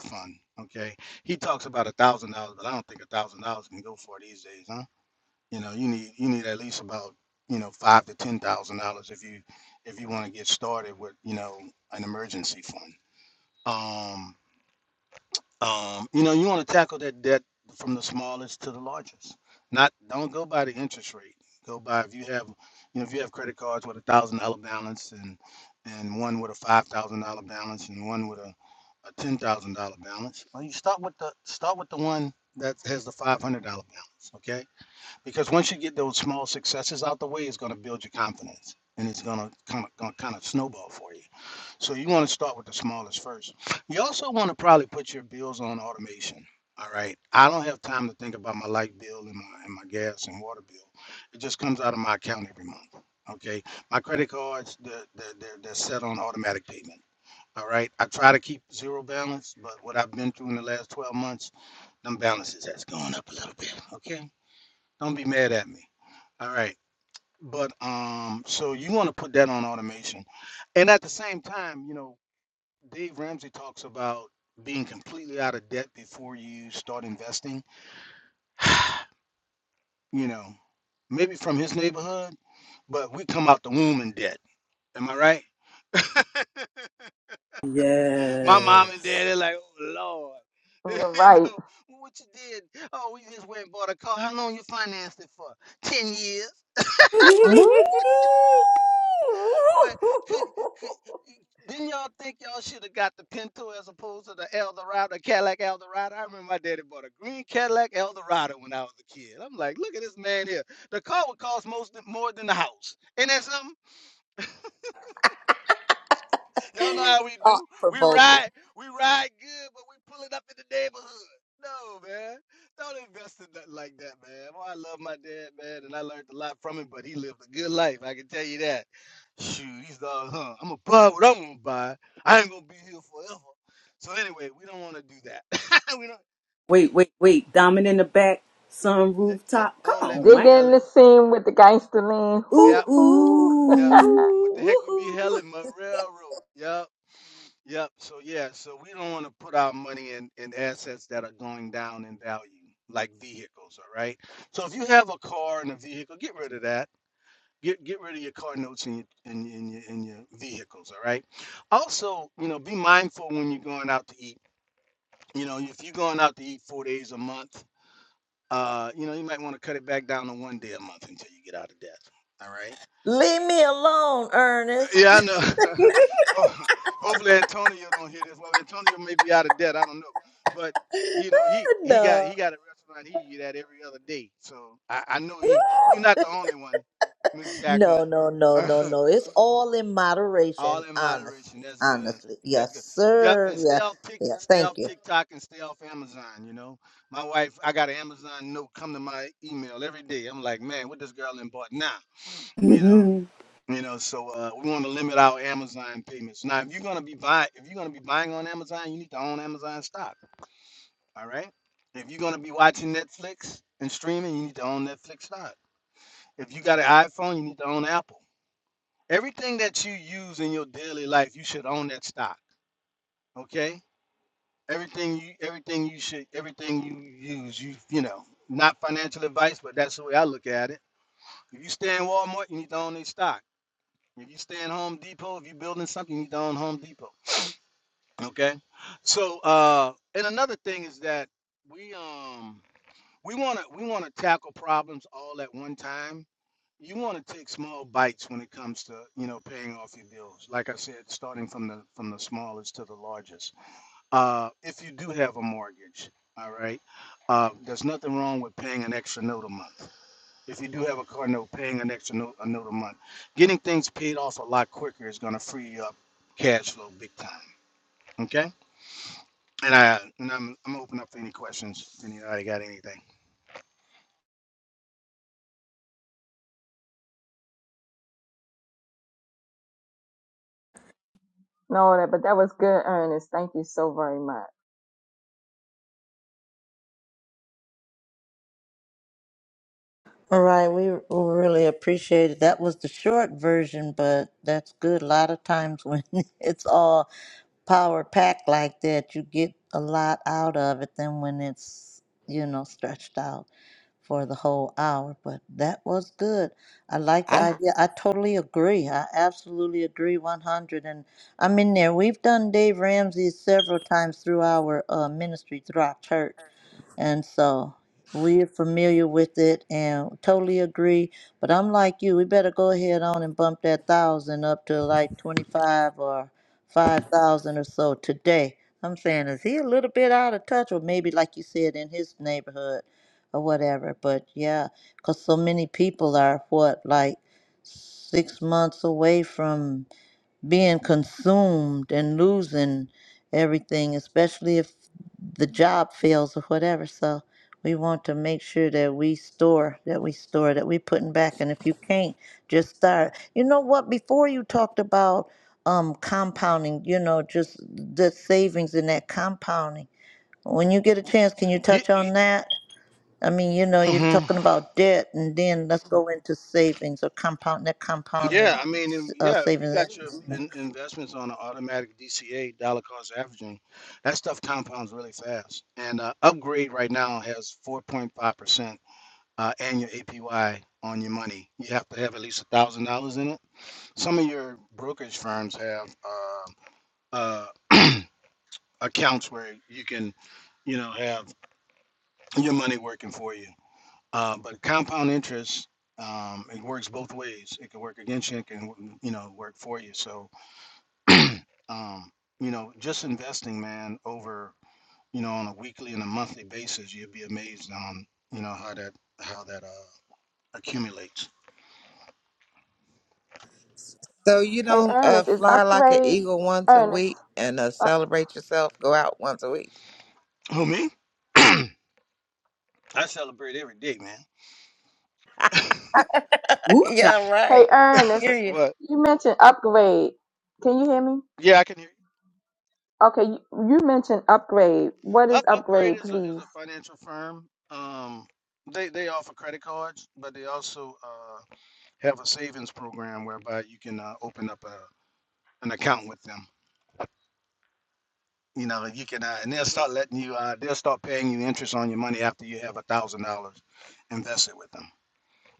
Speaker 13: fund. Okay, he talks about a thousand dollars, but I don't think a thousand dollars can go for these days. huh? You know, you need you need at least about you know five to ten thousand dollars if you if you want to get started with you know an emergency fund. Um, um, you know, you want to tackle that debt from the smallest to the largest. Not don't go by the interest rate. Go by if you have you know if you have credit cards with a thousand dollar balance and and one with a five thousand dollar balance and one with a a ten thousand dollar balance. Well, you start with the start with the one that has the five hundred dollar balance. Okay because once you get those small successes out the way, it's going to build your confidence and it's going to kind of going to kind of snowball for you. So you want to start with the smallest first. You also want to probably put your bills on automation. All right, I don't have time to think about my light bill and my and my gas and water bill. It just comes out of my account every month. Okay, my credit cards they're, they're, they're they're set on automatic payment. All right, I try to keep zero balance, but what I've been through in the last 12 months, them balances has gone up a little bit. Okay, don't be mad at me. All right. But um, so you want to put that on automation. And at the same time, you know, Dave Ramsey talks about being completely out of debt before you start investing. You know, maybe from his neighborhood, but we come out the womb in debt. Am I right? My mom and dad,
Speaker 1: yes.
Speaker 13: they're like, oh Lord.
Speaker 2: you're
Speaker 13: you
Speaker 2: right.
Speaker 13: know, what you did? Oh, we just went and bought a car. How long you financed it for? Ten years. What? could, could, didn't y'all think y'all should have got the Pinto as opposed to the Eldorado, Cadillac Eldorado? I remember my daddy bought a green Cadillac Eldorado when I was a kid. I'm like, look at this man here. The car would cost most more than the house. Ain't that something? Y'all know how we
Speaker 4: Thought
Speaker 13: do. We
Speaker 4: provoking.
Speaker 13: ride, we ride good, but we pull it up in the neighborhood. No, man. Don't invest in nothing like that, man. Well, I love my dad, man, and I learned a lot from him, but he lived a good life. I can tell you that. Shoot, he's all, huh? I'm gonna buy what I'm gonna buy. I ain't gonna be here forever. So anyway, we don't want to do that. we don't.
Speaker 1: Wait, wait, wait. Diamond in the back, sun
Speaker 13: Yeah, yeah,
Speaker 1: rooftop. Come
Speaker 13: all that,
Speaker 1: on,
Speaker 13: Miss
Speaker 2: Dig
Speaker 1: man.
Speaker 2: in
Speaker 13: Kelly.
Speaker 2: the scene with the gangster lean.
Speaker 13: Yeah.
Speaker 1: Ooh,
Speaker 2: Hoo hoo.
Speaker 13: Yep.
Speaker 1: ooh.
Speaker 13: What the heck we be hailing my railroad? Yep. Yep. So yeah, so we don't want to put our money in, in assets that are going down in value, like vehicles, all right? So if you have a car and a vehicle, get rid of that. Get get rid of your car notes and your and, your- and your and your vehicles, all right? Also, you know, be mindful when you're going out to eat. You know, if you're going out to eat four days a month, uh, you know, you might want to cut it back down to one day a month until you get out of debt. All right.
Speaker 4: Leave me alone, Ernest.
Speaker 13: Yeah, I know. Oh, Hopefully Antonio don't hear this. Well, Antonio may be out of debt. I don't know, but you know he he got
Speaker 4: no.
Speaker 13: he got a restaurant he eat at every other day. So I, I know he. You're not the only one, Miss
Speaker 4: No,
Speaker 13: Jacqueline.
Speaker 4: no, no, no, no. It's all in
Speaker 13: All
Speaker 4: moderation,
Speaker 13: in moderation.
Speaker 4: honestly.
Speaker 13: That's good.
Speaker 4: Honestly.
Speaker 13: That's
Speaker 4: Yes,
Speaker 13: good. Yep,
Speaker 4: sir.
Speaker 13: and stay
Speaker 4: Yeah.
Speaker 13: off Tik,
Speaker 4: Yeah.
Speaker 13: stay
Speaker 4: Thank
Speaker 13: off
Speaker 4: you.
Speaker 13: TikTok, and stay off Amazon. You know, my wife, I got an Amazon note come to my email every day. I'm like, man, what this girl done bought now? You know. You know, so uh, we want to limit our Amazon payments. Now, if you're gonna be buying, if you're gonna be buying on Amazon, you need to own Amazon stock. All right. If you're gonna be watching Netflix and streaming, you need to own Netflix stock. If you got an iPhone, you need to own Apple. Everything that you use in your daily life, you should own that stock. Okay. Everything you, everything you should, everything you use, you, you know, not financial advice, but that's the way I look at it. If you stay in Walmart, you need to own their stock. If you stay in Home Depot, if you're building something, you need to own Home Depot. Okay. So uh and another thing is that we um we wanna we wanna tackle problems all at one time. You wanna take small bites when it comes to, you know, paying off your bills. Like I said, starting from the from the smallest to the largest. Uh if you do have a mortgage, all right, uh there's nothing wrong with paying an extra note a month. If you do have a car note, paying an extra note a note a month. Getting things paid off a lot quicker is gonna free you up cash flow big time. Okay. And I and I'm I'm open up to any questions. If anybody got anything?
Speaker 2: No, that, but that was good, Ernest. Thank you so very much.
Speaker 4: All right. We we really appreciate it. That was the short version, but that's good. A lot of times when it's all power packed like that, you get a lot out of it than when it's, you know, stretched out. for the whole hour, but that was good. I like the
Speaker 3: I,
Speaker 4: idea. I totally agree. I absolutely agree 100. And I'm in there. We've done Dave Ramsey several times through our uh, ministry, through our church. And so we're familiar with it and totally agree. But I'm like you, we better go ahead on and bump that thousand up to like 25 or 5,000 or so today. I'm saying, is he a little bit out of touch? Or maybe, like you said, in his neighborhood or whatever. But yeah, because so many people are what, like six months away from being consumed and losing everything, especially if the job fails or whatever. So we want to make sure that we store, that we store, that we putting back. And if you can't, just start. You know what? Before you talked about um, compounding, you know, just the savings in that compounding. When you get a chance, can you
Speaker 13: Yeah,
Speaker 4: touch on that? I mean, you know, you're
Speaker 13: hmm
Speaker 4: talking about debt, and then let's go into savings or compound that
Speaker 13: yeah.
Speaker 4: compounding
Speaker 13: I mean, and
Speaker 4: uh,
Speaker 13: yeah. If you got your
Speaker 4: savings.
Speaker 13: in, investments on an automatic DCA dollar cost averaging, that stuff compounds really fast. And uh, upgrade right now has 4.5 percent uh, annual APY on your money. You have to have at least a thousand dollars in it. Some of your brokerage firms have uh, uh, accounts where you can, you know, have your money working for you. Uh, but compound interest, um, it works both ways. It can work against you, it can, you know, work for you. So, um, you know, just investing, man, over, you know, on a weekly and a monthly basis, you'd be amazed on, you know, how that, how that, uh, accumulates.
Speaker 3: So you
Speaker 2: Hey,
Speaker 3: don't uh,
Speaker 2: Ernest, is
Speaker 3: fly like an
Speaker 2: upgrade
Speaker 3: eagle once a
Speaker 2: Ernest?
Speaker 3: week and uh,
Speaker 2: Uh,
Speaker 3: celebrate yourself, go out once a week.
Speaker 13: Who, me? I celebrate every day, man.
Speaker 1: ooh,
Speaker 4: Yeah,
Speaker 2: hey,
Speaker 4: right. Hear
Speaker 2: Ernest,
Speaker 4: you.
Speaker 13: What?
Speaker 2: you mentioned upgrade. Can you hear me?
Speaker 13: Yeah, I can hear you.
Speaker 2: Okay, you you mentioned Upgrade. What is
Speaker 13: Up, Upgrade
Speaker 2: Upgrade,
Speaker 13: is a, is
Speaker 2: please?
Speaker 13: a financial firm. Um, they, they offer credit cards, but they also, uh, have a savings program whereby you can, uh, open up a, an account with them. You know, you can, uh, and they'll start letting you, uh, they'll start paying you interest on your money after you have a thousand dollars invested with them.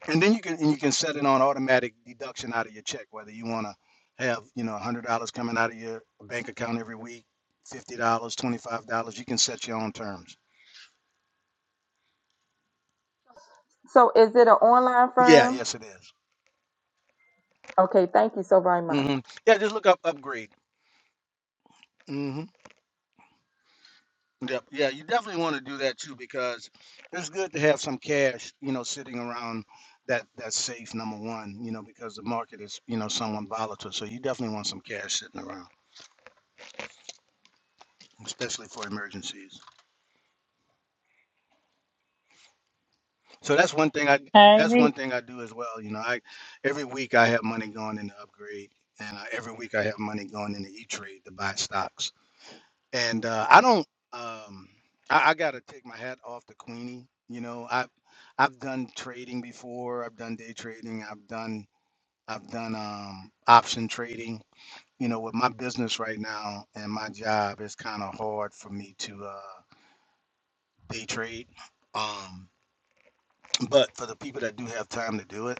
Speaker 13: And then you can, and you can set it on automatic deduction out of your check, whether you want to have, you know, a hundred dollars coming out of your bank account every week, fifty dollars, twenty-five dollars. You can set your own terms.
Speaker 2: So is it an online
Speaker 13: Yeah,
Speaker 2: firm?
Speaker 13: yes, it is.
Speaker 2: Okay, thank you so very much.
Speaker 13: Mm-hmm. Yeah, just look up upgrade. Mm-hmm. Yep. Yeah, you definitely want to do that too because it's good to have some cash, you know, sitting around that that's safe. Number one, you know, because the market is, you know, somewhat volatile. So you definitely want some cash sitting around, especially for emergencies. So that's one thing I
Speaker 11: I
Speaker 13: that's
Speaker 11: agree.
Speaker 13: one thing I do as well. You know, I every week I have money going in the upgrade, and I, every week I have money going in the E Trade to buy stocks. And uh, I don't. Um, I, I gotta take my hat off to Queenie. You know, I have I've done trading before. I've done day trading. I've done I've done um, option trading. You know, with my business right now and my job, it's kind of hard for me to uh, day trade. Um, but for the people that do have time to do it,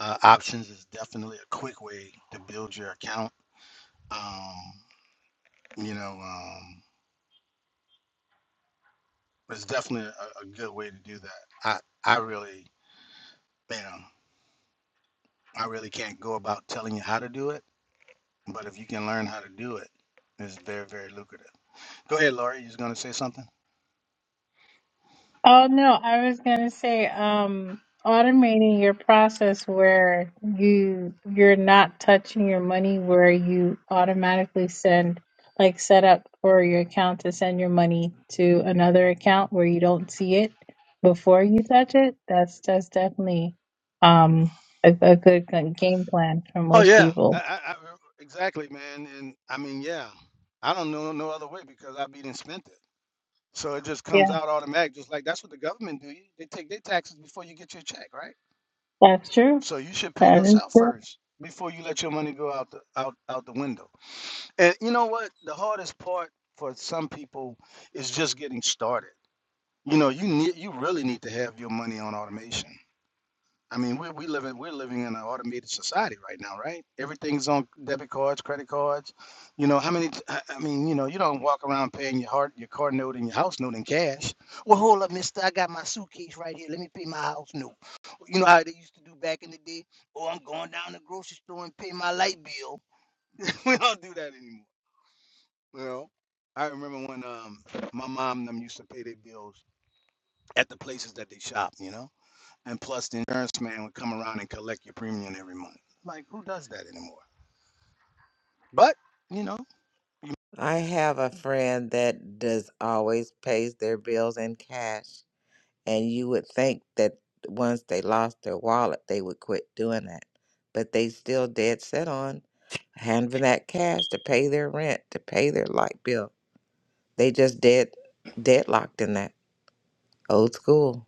Speaker 13: uh, options is definitely a quick way to build your account. Um, you know, um, it's definitely a, a good way to do that. I I really Bam. I really can't go about telling you how to do it, but if you can learn how to do it, it's very, very lucrative. Go ahead, Laurie. You was going to say something?
Speaker 11: Oh no, I was gonna say, um, automating your process where you you're not touching your money, where you automatically send like set up for your account to send your money to another account where you don't see it before you touch it. That's that's definitely um a, a good g- game plan for
Speaker 13: Oh
Speaker 11: most
Speaker 13: yeah, I,
Speaker 11: people.
Speaker 13: I, I, exactly, man. And I mean, yeah, I don't know no other way because I've been and spent it. So it just comes
Speaker 11: Yeah,
Speaker 13: out automatic, just like that's what the government do. they take their taxes before you get your check, right?
Speaker 11: that's true.
Speaker 13: So you should pay
Speaker 11: That is
Speaker 13: yourself
Speaker 11: true.
Speaker 13: first before you let your money go out the out out the window. And you know what? The hardest part for some people is just getting started You know, you need you really need to have your money on automation. I mean, we we live in, we're living in an automated society right now, right? Everything's on debit cards, credit cards. You know, how many? t- I I mean, you know, you don't walk around paying your heart, your car note, and your house note in cash. Well, hold up, Mister, I got my suitcase right here. Let me pay my house note. You know how they used to do back in the day? Oh, I'm going down to the grocery store and pay my light bill. we don't do that anymore. You know, I remember when um my mom and them used to pay their bills at the places that they shop. You know. And plus, the insurance man would come around and collect your premium every month. Like, who does that anymore? But, you know,
Speaker 3: I have a friend that does always pays their bills in cash. And you would think that once they lost their wallet, they would quit doing that. But they still dead set on having that cash to pay their rent, to pay their light bill. They just dead deadlocked in that old school.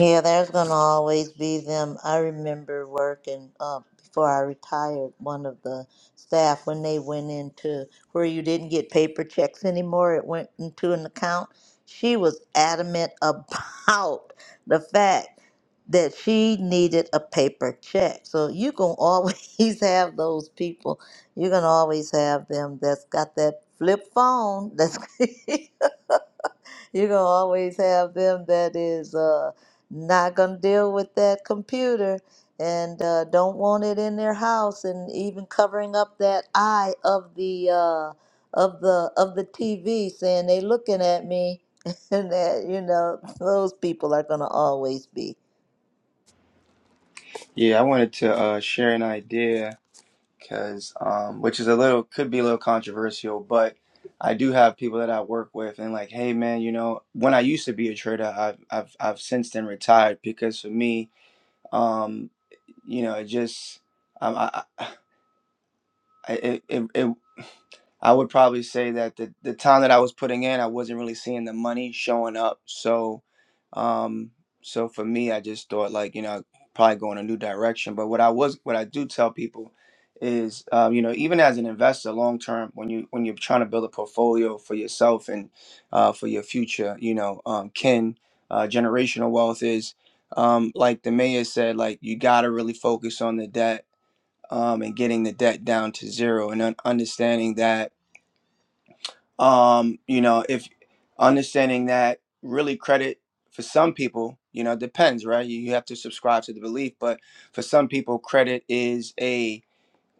Speaker 4: Yeah, there's gonna always be them. I remember working uh, before I retired. One of the staff when they went into where you didn't get paper checks anymore, it went into an account. She was adamant about the fact that she needed a paper check. So you gonna always have those people. You're gonna always have them that's got that flip phone. That's You're gonna always have them that is uh, not gonna deal with that computer and uh, don't want it in their house, and even covering up that eye of the uh, of the of the TV, saying they looking at me, and that you know those people are gonna always be.
Speaker 14: Yeah, I wanted to uh, share an idea because, um, which is a little, could be a little controversial, but I do have people that I work with and like, hey man, you know, when I used to be a trader, I've I've I've since then retired because for me, um, you know, it just, um, I, I- I- It, it, it, I would probably say that the, the time that I was putting in, I wasn't really seeing the money showing up. So, um, so for me, I just thought like, you know, probably go in a new direction. But what I was, what I do tell people is, um, you know, even as an investor, long term, when you when you're trying to build a portfolio for yourself and uh, for your future, you know, um, kin, uh, generational wealth is, um, like the mayor said, like you gotta really focus on the debt um, and getting the debt down to zero and un- understanding that um, you know if understanding that really credit for some people you know it depends right you, you have to subscribe to the belief but for some people credit is a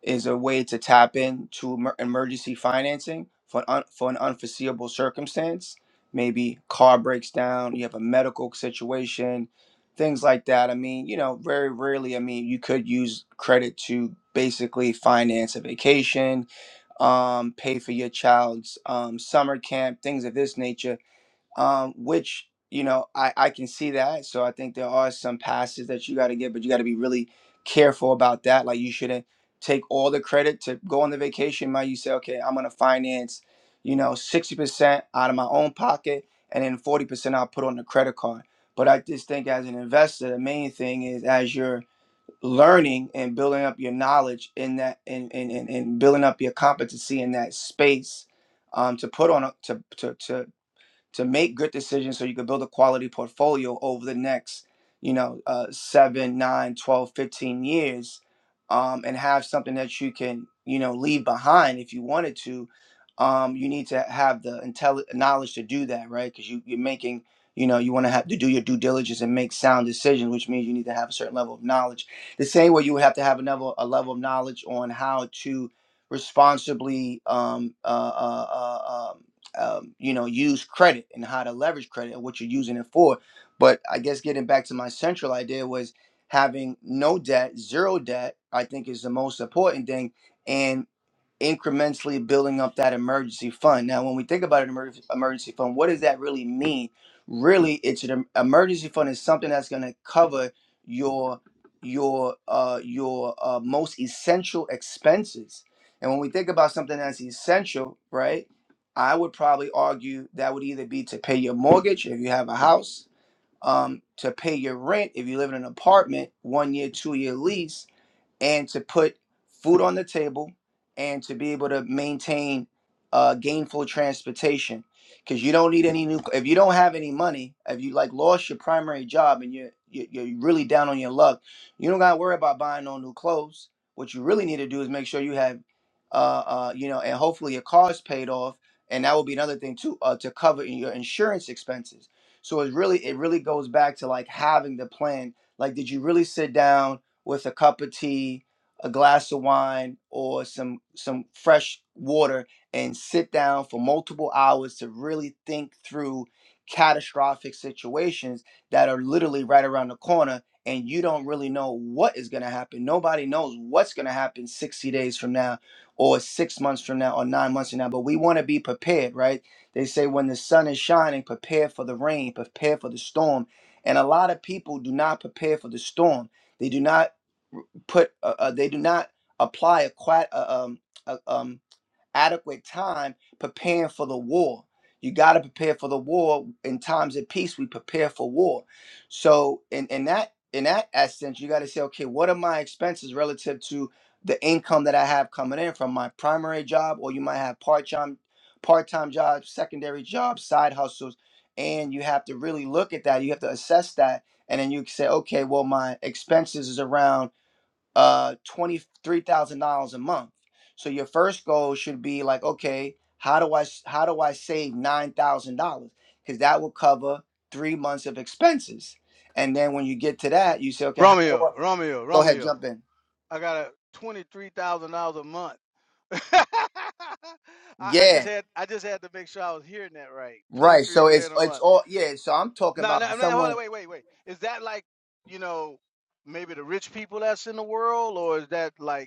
Speaker 14: is a way to tap into emer- emergency financing for an, un- for an unforeseeable circumstance. Maybe car breaks down, you have a medical situation, things like that. I mean, you know, very rarely, I mean, you could use credit to basically finance a vacation, um, pay for your child's um, summer camp, things of this nature um, which you know I, I can see that. So I think there are some passes that you got to get, but you got to be really careful about that. Like you shouldn't take all the credit to go on the vacation. Might you say, okay, I'm gonna finance, you know, sixty percent out of my own pocket, and then forty percent I'll put on the credit card. But I just think as an investor, the main thing is as you're learning and building up your knowledge in that and and, and, and building up your competency in that space um, to put on a, to, to to to make good decisions so you can build a quality portfolio over the next you know uh, 7 nine, twelve, fifteen years um, and have something that you can you know leave behind if you wanted to um, you need to have the intelli- knowledge to do that right because you, you're making you know you want to have to do your due diligence and make sound decisions which means you need to have a certain level of knowledge the same way you would have to have another a level of knowledge on how to responsibly um, uh, uh, uh, um, um, you know, use credit and how to leverage credit and what you're using it for. But I guess getting back to my central idea was having no debt, zero debt, I think is the most important thing. And incrementally building up that emergency fund. Now, when we think about an emerg- emergency fund, what does that really mean? Really, it's an em- emergency fund is something that's going to cover your your uh, your uh, most essential expenses. And when we think about something that's essential, right? I would probably argue that would either be to pay your mortgage if you have a house, um, to pay your rent if you live in an apartment, one year, two year lease, and to put food on the table and to be able to maintain uh, gainful transportation because you don't need any new if you don't have any money if you like lost your primary job and you're you- you're really down on your luck you don't gotta worry about buying no new clothes what you really need to do is make sure you have uh, uh you know and hopefully your car's paid off and that will be another thing too uh, to cover in your insurance expenses so it really it really goes back to like having the plan like did you really sit down with a cup of tea, a glass of wine, or some some fresh water and sit down for multiple hours to really think through catastrophic situations that are literally right around the corner and you don't really know what is going to happen. Nobody knows what's going to happen 60 days from now or 6 months from now or 9 months from now, but we want to be prepared, right? They say when the sun is shining, prepare for the rain, prepare for the storm. And a lot of people do not prepare for the storm. They do not put uh, uh, they do not apply a quite uh, um, uh, um, adequate time preparing for the war you got to prepare for the war in times of peace we prepare for war so in, in that in that essence you got to say okay what are my expenses relative to the income that i have coming in from my primary job or you might have part-time part-time jobs secondary jobs side hustles and you have to really look at that you have to assess that and then you say okay well my expenses is around uh $23,000 a month. So your first goal should be like, okay, how do I how do I save $9,000? Cuz that will cover 3 months of expenses. And then when you get to that, you say, okay, how do
Speaker 13: Romeo,
Speaker 14: I
Speaker 13: Romeo,
Speaker 14: go ahead
Speaker 13: Romeo.
Speaker 14: jump in.
Speaker 13: I got a twenty-three thousand dollars a month. I, I just
Speaker 14: Yeah,
Speaker 13: had I just had to make sure I was hearing that right.
Speaker 14: right.
Speaker 13: Twenty-three
Speaker 14: So it's
Speaker 13: grand a
Speaker 14: it's
Speaker 13: month.
Speaker 14: all yeah, so I'm talking
Speaker 13: No,
Speaker 14: about for
Speaker 13: no, no, hold on,
Speaker 14: someone
Speaker 13: wait, wait, wait. Is that like, you know, maybe the rich people that's in the world, or is that like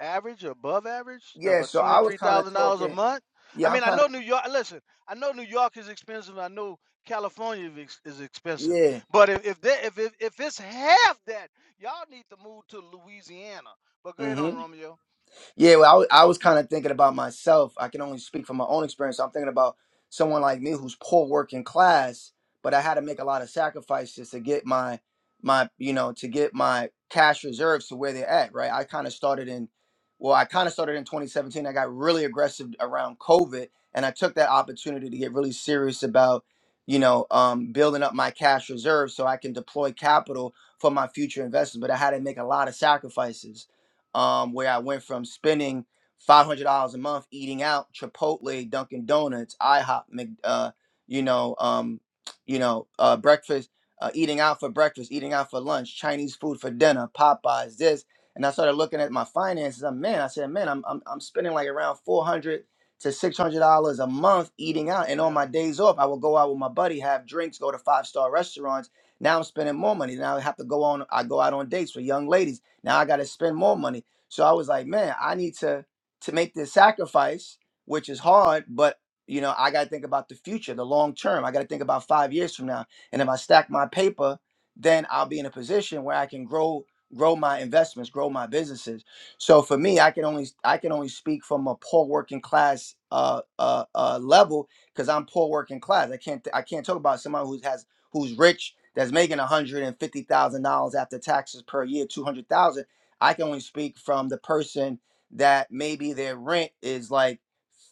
Speaker 13: average, above average of
Speaker 14: yeah,
Speaker 13: a
Speaker 14: so I was kind of
Speaker 13: $23,000 a
Speaker 14: talking
Speaker 13: month. I
Speaker 14: yeah, I'm
Speaker 13: mean, I
Speaker 14: kind
Speaker 13: know
Speaker 14: of
Speaker 13: New York, listen, I know New York is expensive. I know California is is expensive.
Speaker 14: yeah.
Speaker 13: But if if, they, if if if it's half that, y'all need to move to Louisiana. But go ahead
Speaker 14: mm-hmm.
Speaker 13: on Romeo.
Speaker 14: Yeah, well, I, wa- I was kind of thinking about myself. I can only speak from my own experience. so I'm thinking about someone like me who's poor working class, but I had to make a lot of sacrifices to get my my you know to get my cash reserves to where they're at. Right. I kind of started in, well, I kind of started in 2017. I got really aggressive around COVID, and I took that opportunity to get really serious about you know um, building up my cash reserves so I can deploy capital for my future investments. But I had to make a lot of sacrifices um, where I went from spending five hundred dollars a month eating out Chipotle, Dunkin' Donuts, IHOP, Mc, uh, you know, um, you know, uh, breakfast, uh, eating out for breakfast, eating out for lunch, Chinese food for dinner, Popeyes, this, and I started looking at my finances. I'm man, I said, man, I'm I'm, I'm spending like around four hundred to six hundred dollars a month eating out, and on
Speaker 13: Yeah.
Speaker 14: my days off, I will go out with my buddy, have drinks, go to five star restaurants. Now I'm spending more money. Now I have to go on. I go out on dates with young ladies. Now I got to spend more money. So I was like, man, I need to to make this sacrifice, which is hard, but you know, I got to think about the future, the long term. I got to think about 5 years from now. And if I stack my paper, then I'll be in a position where I can grow grow my investments, grow my businesses. So for me, I can only I can only speak from a poor working class uh uh, uh level cuz I'm poor working class. I can't I can't talk about someone who has who's rich that's making $150,000 after taxes per year, 200,000 I can only speak from the person that maybe their rent is like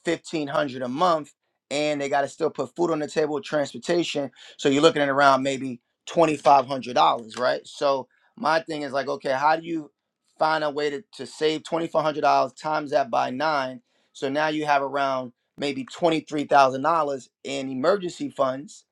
Speaker 14: fifteen hundred a month, and they got to still put food on the table, transportation. So you're looking at around maybe twenty five hundred dollars, right? So my thing is like, okay, how do you find a way to, to save twenty four hundred dollars times that by nine? So now you have around maybe twenty three thousand dollars in emergency funds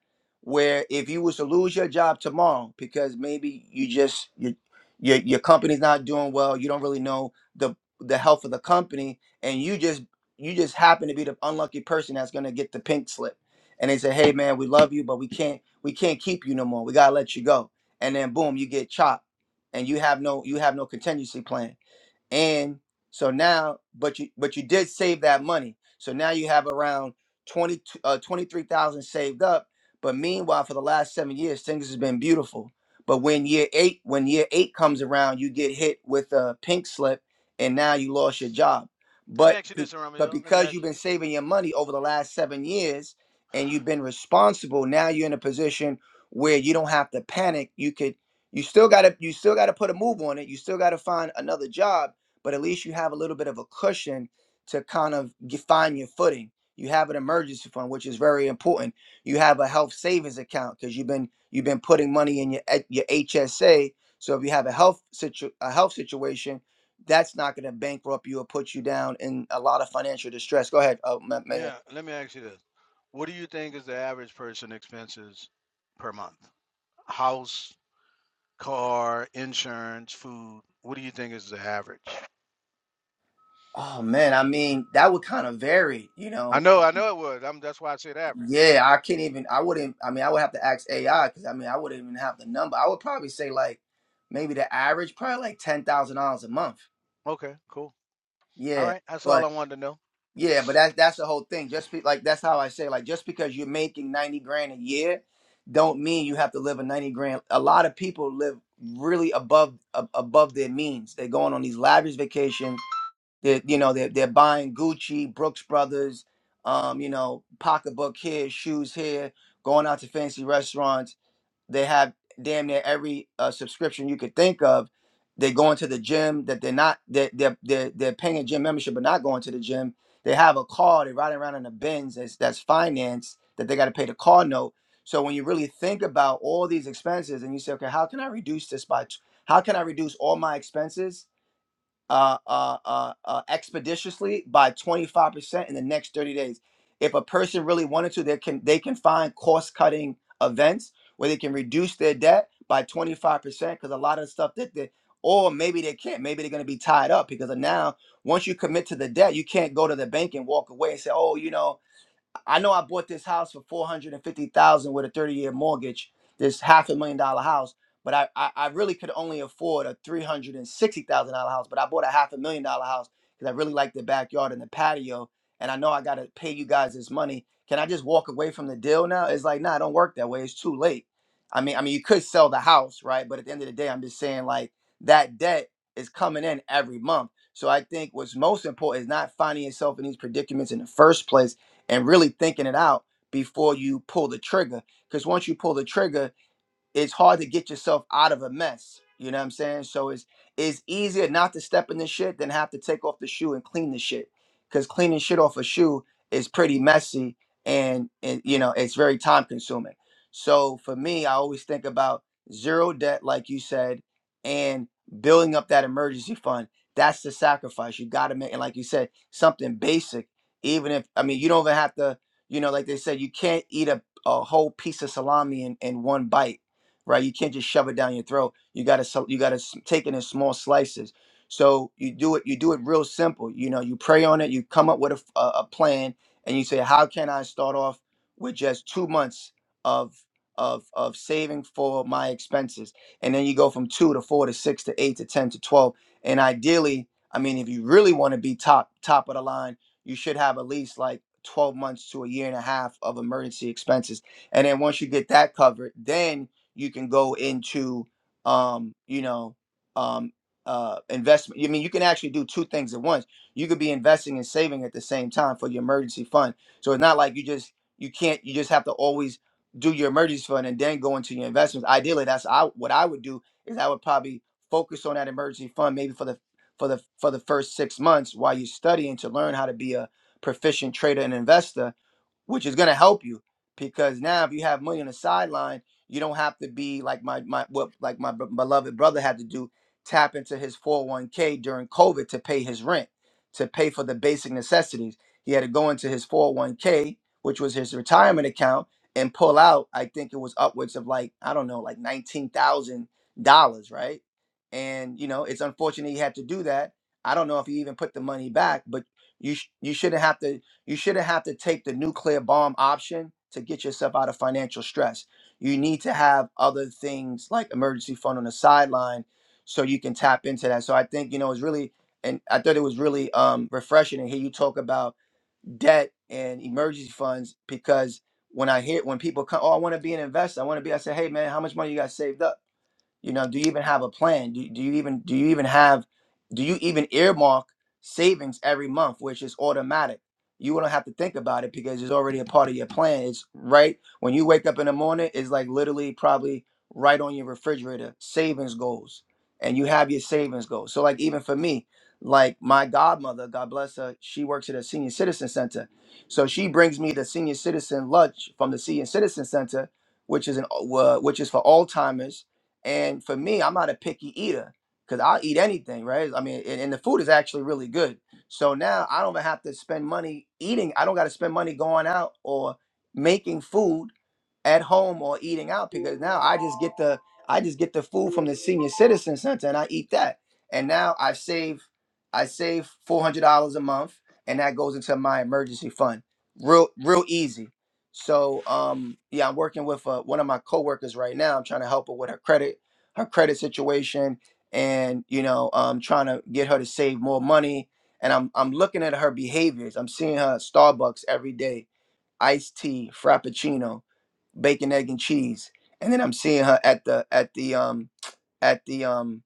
Speaker 14: where if you was to lose your job tomorrow because maybe you just you your your company's not doing well you don't really know the the health of the company and you just you just happen to be the unlucky person that's going to get the pink slip and they say hey man we love you but we can't we can't keep you no more we got to let you go and then boom you get chopped and you have no you have no contingency plan and so now, but you but you did save that money. So now you have around 20 uh, 23,000 saved up. But meanwhile, for the last seven years, things has been beautiful. But when year eight, when year eight comes around, you get hit with a pink slip, and now you lost your job.
Speaker 13: Let me
Speaker 14: But
Speaker 13: ask you
Speaker 14: be-
Speaker 13: this,
Speaker 14: but
Speaker 13: Romeo. Let me
Speaker 14: because
Speaker 13: ask
Speaker 14: you've been saving your money over the last seven years, and you've been responsible, now you're in a position where you don't have to panic. You could you still gotta you still gotta put a move on it. You still gotta find another job but at least you have a little bit of a cushion to kind of get, find your footing. You have an emergency fund, which is very important. You have a health savings account because you've been you've been putting money in your eh, your HSA. So if you have a health situ- a health situation, that's not going to bankrupt you or put you down in a lot of financial distress. Go ahead, uh, Ma- Mayor.
Speaker 13: Yeah, let me ask you this. What do you think is the average person expenses per month? House, car, insurance, food. What do you think is the average?
Speaker 14: Oh man, I mean that would kind of vary, you
Speaker 13: I
Speaker 14: know.
Speaker 13: know, I know it would. I'm, that's why I said average.
Speaker 14: Yeah, I can't even. I wouldn't. I mean, I would have to ask AI because I mean, I wouldn't even have the number. I would probably say like maybe the average, probably like ten thousand dollars a month.
Speaker 13: Okay, cool. All
Speaker 14: Yeah,
Speaker 13: right, that's all
Speaker 14: but
Speaker 13: I wanted to know.
Speaker 14: yeah, but that's that's the whole thing. Just be, like that's how I say like just because you're making ninety grand a year, don't mean you have to live a ninety grand. A lot of people live really above ab- above their means. They're going on these lavish vacations they're, you know, they're, they're buying Gucci, Brooks Brothers, um, you know, pocketbook here, shoes here, going out to fancy restaurants. They have damn near every uh, subscription you could think of. They're going to the gym that they're not, they're, they're, they're, they're paying a gym membership but not going to the gym. They have a car, they're riding around in a Benz that's, that's financed that they got to pay the car note. So when you really think about all these expenses and you say, okay, how can I reduce this by, t- how can I reduce all my expenses? uh, uh, uh, uh, expeditiously by 25% in the next 30 days. If a person really wanted to, they can they can find cost cutting events where they can reduce their debt by 25% because a lot of the stuff that they or maybe they can't. Maybe they're going to be tied up because of now once you commit to the debt, you can't go to the bank and walk away and say, "Oh, you know, I know I bought this house for four hundred and fifty thousand with a thirty year mortgage, this half a million dollar house. But I, I, I really could only afford a three hundred and sixty thousand dollar house. But I bought a half a million dollar house because I really like the backyard and the patio. And I know I gotta pay you guys this money. Can I just walk away from the deal now? It's like, nah, it don't work that way. It's too late. I mean, I mean, you could sell the house, right? But at the end of the day, I'm just saying like that debt is coming in every month. So I think what's most important is not finding yourself in these predicaments in the first place and really thinking it out before you pull the trigger. Because once you pull the trigger, it's hard to get yourself out of a mess. You know what I'm saying? So it's it's easier not to step in the shit than have to take off the shoe and clean the shit. Cause cleaning shit off a shoe is pretty messy and and you know it's very time consuming. So for me, I always think about zero debt, like you said, and building up that emergency fund. That's the sacrifice you gotta make. And like you said, something basic. Even if I mean you don't even have to, you know, like they said, you can't eat a, a whole piece of salami in, in one bite right? You can't just shove it down your throat. You gotta so- you gotta s- take it in small slices. So you do it you do it real simple. You know, you pray on it. You come up with a, f- a a plan, and you say, how can I start off with just two months of of of saving for my expenses, and then you go from two to four to six to eight to ten to twelve, and ideally, I mean, if you really want to be top top of the line, you should have at least like. 12 months to a year and a half of emergency expenses. And then once you get that covered, then you can go into um you know um uh investment i mean you can actually do two things at once you could be investing and saving at the same time for your emergency fund so it's not like you just you can't you just have to always do your emergency fund and then go into your investments ideally that's I, what i would do is i would probably focus on that emergency fund maybe for the for the for the first six months while you're studying to learn how to be a proficient trader and investor which is going to help you because now if you have money on the sideline, you don't have to be like my my what like my b- beloved brother had to do tap into his 401k during COVID to pay his rent, to pay for the basic necessities. He had to go into his 401k, which was his retirement account, and pull out. I think it was upwards of like I don't know, like nineteen thousand dollars, right? And you know, it's unfortunate he had to do that. I don't know if he even put the money back, but you sh- you shouldn't have to. You shouldn't have to take the nuclear bomb option to get yourself out of financial stress. You need to have other things like emergency fund on the sideline so you can tap into that. So I think, you know, it's really, and I thought it was really um, refreshing to hear you talk about debt and emergency funds because when I hear, when people come, oh, I want to be an investor, I want to be, I say, hey, man, how much money you got saved up? you know do you even have a plan do, do you even do you even have do you even earmark savings every month which is automatic you don't have to think about it because it's already a part of your plan it's right when you wake up in the morning it's like literally probably right on your refrigerator savings goals and you have your savings goals so like even for me like my godmother god bless her she works at a senior citizen center so she brings me the senior citizen lunch from the senior citizen center which is an uh, which is for alzheimer's and for me, I'm not a picky eater because I'll eat anything, right? I mean, and, and the food is actually really good. So now I don't even have to spend money eating. I don't got to spend money going out or making food at home or eating out because now I just get the I just get the food from the senior citizen center and I eat that. And now I save I save four hundred dollars a month and that goes into my emergency fund. Real real easy. So um yeah, I'm working with uh, one of my coworkers right now. I'm trying to help her with her credit, her credit situation, and you know, um, trying to get her to save more money. And I'm I'm looking at her behaviors. I'm seeing her at Starbucks every day, iced tea, frappuccino, bacon, egg, and cheese. And then I'm seeing her at the at the um at the um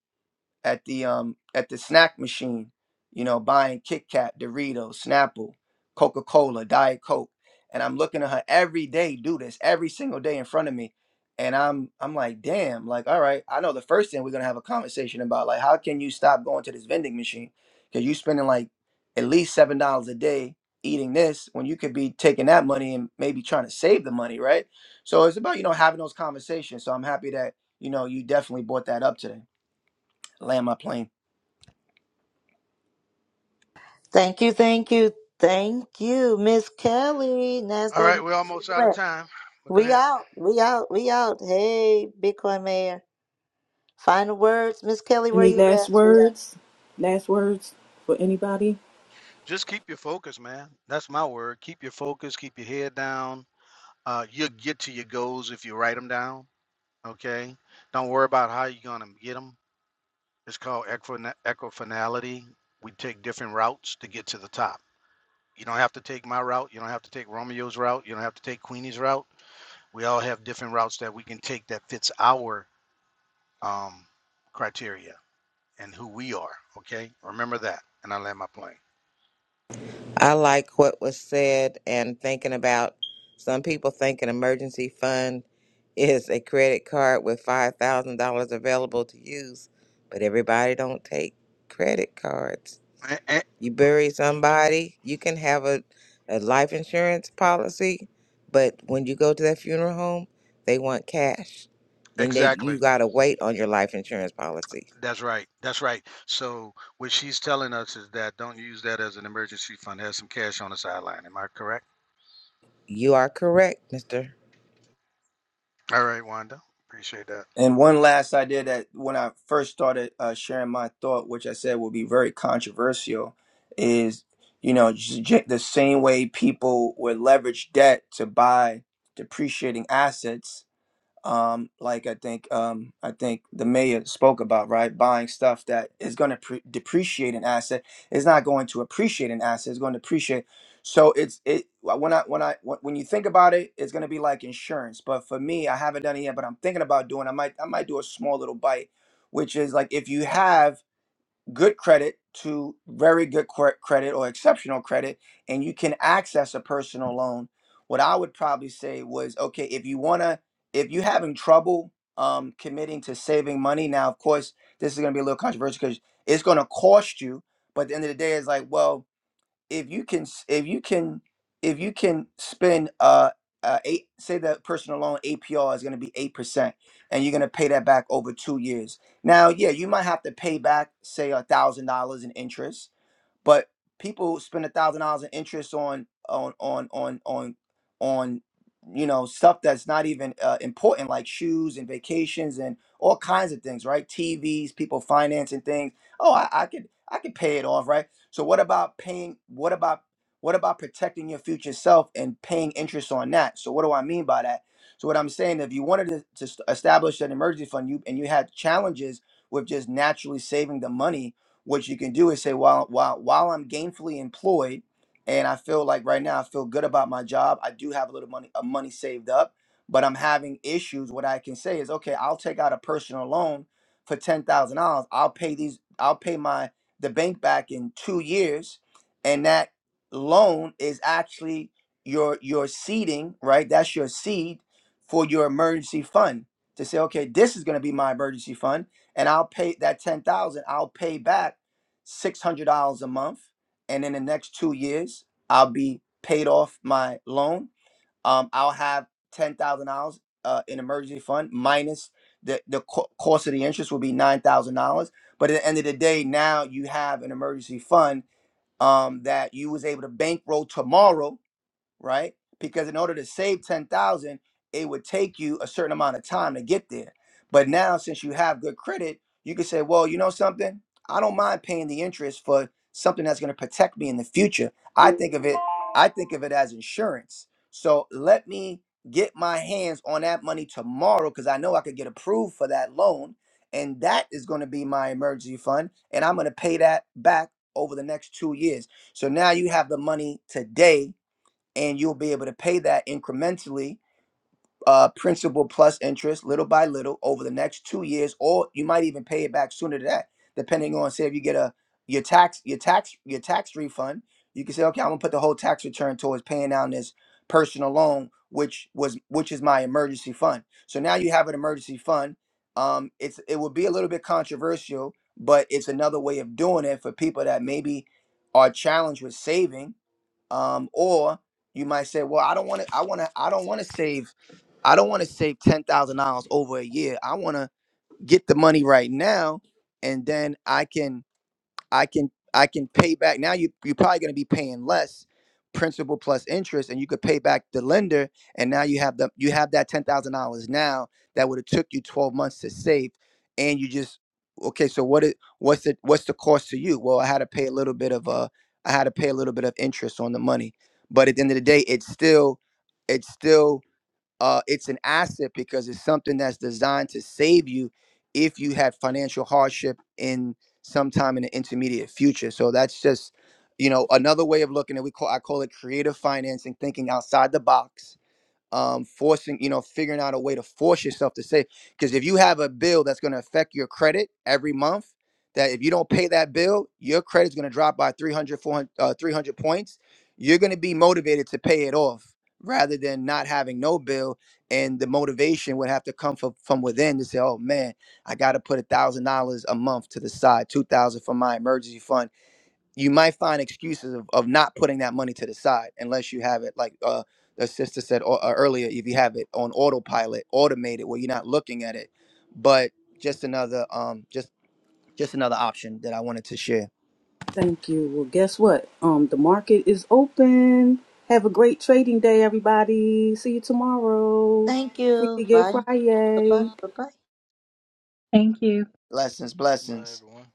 Speaker 14: at the um at the snack machine, you know, buying Kit Kat, Doritos, Snapple, Coca Cola, Diet Coke, and I'm looking at her every day do this every single day in front of me, and I'm I'm like, damn, like all right, I know the first thing we're gonna have a conversation about, like how can you stop going to this vending machine because you spending like at least seven dollars a day eating this when you could be taking that money and maybe trying to save the money, right? So it's about you know having those conversations. So I'm happy that you know you definitely brought that up today. Land my plane.
Speaker 4: Thank you, thank you, thank you, Miss Kelly,
Speaker 13: All
Speaker 4: Nasdaq.
Speaker 13: right, we're
Speaker 4: where
Speaker 13: almost
Speaker 4: you
Speaker 13: out of
Speaker 4: at?
Speaker 13: time, but go
Speaker 4: We
Speaker 13: ahead.
Speaker 4: out, we out, we out. Hey, Bitcoin Mayor. Final words, Miss Kelly, where
Speaker 1: Any
Speaker 4: you
Speaker 1: last
Speaker 4: at?
Speaker 1: words? Last words for anybody?
Speaker 13: Just keep your focus, man. That's my word. Keep your focus. Keep your head down. Uh, you'll get to your goals if you write them down. Okay. Don't worry about how you're gonna get them. It's called equina- equifinality. We take different routes to get to the top. You don't have to take my route. You don't have to take Romeo's route. You don't have to take Queenie's route. We all have different routes that we can take that fits our um, criteria and who we are. Okay, remember that, and I land my plane.
Speaker 3: I like what was said and thinking about some people think an emergency fund is a credit card with five thousand dollars available to use, but everybody don't take credit cards.
Speaker 13: Eh, eh,
Speaker 3: You bury somebody, you can have a, a life insurance policy, but when you go to that funeral home, they want cash. Then they
Speaker 13: Exactly.
Speaker 3: you gotta wait on your life insurance policy.
Speaker 13: That's right. That's right. So what she's telling us is that don't use that as an emergency fund. Have some cash on the sideline. Am I correct?
Speaker 3: You are correct, Mister.
Speaker 13: All right, Wanda. Appreciate that.
Speaker 14: And one last idea that when I first started uh, sharing my thought, which I said will be very controversial, is you know j- j- the same way people would leverage debt to buy depreciating assets um, like I think um, I think the mayor spoke about, right? Buying stuff that is going to pre- depreciate an asset is not going to appreciate an asset; it's going to depreciate. So it's it when I when I when when you think about it, it's going to be like insurance. But for me, I haven't done it yet, but I'm thinking about doing. I might I might do a small little bite, which is like if you have good credit to very good cre- credit or exceptional credit, and you can access a personal loan. What I would probably say was, okay, if you wanna, if you're having trouble um, committing to saving money, now of course this is gonna be a little controversial because it's gonna cost you. But at the end of the day, it's like, well, if you can s- if you can if you can spend uh, uh eight say that personal loan APR is going to be eight percent and you're going to pay that back over two years. Now, yeah, you might have to pay back say a thousand dollars in interest but people spend a thousand dollars in interest on on on on on on you know stuff that's not even uh, important, like shoes and vacations and all kinds of things, right? TVs, people financing things. Oh, I, I could I could pay it off, right? So what about paying? What about what about protecting your future self and paying interest on that? So what do I mean by that? So what I'm saying, if you wanted to, to st- establish an emergency fund, you and you had challenges with just naturally saving the money, what you can do is say while while while I'm gainfully employed and I feel like right now I feel good about my job, I do have a little money uh, money saved up, but I'm having issues. What I can say is, okay, I'll take out a personal loan for ten thousand dollars. I'll pay these. I'll pay my the bank back in two years, and that loan is actually your your seeding, right? That's your seed for your emergency fund to say, okay, this is going to be my emergency fund, and I'll pay that ten thousand. I'll pay back $600 a month. And in the next two years, I'll be paid off my loan. Um, I'll have $10,000 uh, in emergency fund minus the, the co- cost of the interest will be $9,000. But at the end of the day, now you have an emergency fund um, that you was able to bankroll tomorrow right? Because in order to save 10,000, it would take you a certain amount of time to get there. But now since you have good credit, you can say, "Well, you know something? I don't mind paying the interest for something that's going to protect me in the future. I think of it I think of it as insurance. So let me get my hands on that money tomorrow cuz I know I could get approved for that loan and that is going to be my emergency fund and I'm going to pay that back over the next 2 years. So now you have the money today and you'll be able to pay that incrementally uh principal plus interest little by little over the next two years or you might even pay it back sooner than that depending on say if you get a your tax your tax your tax refund you can say okay i'm gonna put the whole tax return towards paying down this personal loan which was which is my emergency fund so now you have an emergency fund um it's it would be a little bit controversial but it's another way of doing it for people that maybe are challenged with saving um, or you might say, well, I don't want to, I want to, I don't want to save, I don't want to save ten thousand dollars over a year. I want to get the money right now, and then I can I can I can pay back now you you're probably going to be paying less principal plus interest and you could pay back the lender and now you have the you have that $10,000 now that would have took you 12 months to save and you just okay so what it what's the what's the cost to you well I had to pay a little bit of uh I had to pay a little bit of interest on the money but at the end of the day it's still it's still uh, it's an asset because it's something that's designed to save you if you had financial hardship in sometime in the intermediate future. So that's just, you know, another way of looking at we call I call it creative financing, thinking outside the box um, forcing, you know, figuring out a way to force yourself to save. Because if you have a bill that's going to affect your credit every month, that if you don't pay that bill, your credit's going to drop by 300, uh, 300 points. You're going to be motivated to pay it off rather than not having no bill. And the motivation would have to come from, from within to say, oh man, I got to put a $1,000 a month to the side, 2000 for my emergency fund you might find excuses of, of not putting that money to the side unless you have it like uh the sister said au- uh, earlier if you have it on autopilot automated where you're not looking at it but just another um just just another option that i wanted to share
Speaker 1: Thank you. Well, guess what? Um, the market is open. Have a great trading day, everybody. See you tomorrow.
Speaker 4: Thank
Speaker 1: Free
Speaker 4: you.
Speaker 1: to get
Speaker 4: Bye. Bye-bye.
Speaker 1: Friday.
Speaker 4: Bye-bye.
Speaker 11: Thank you.
Speaker 14: blessings
Speaker 7: Goodbye
Speaker 14: blessings
Speaker 7: everyone.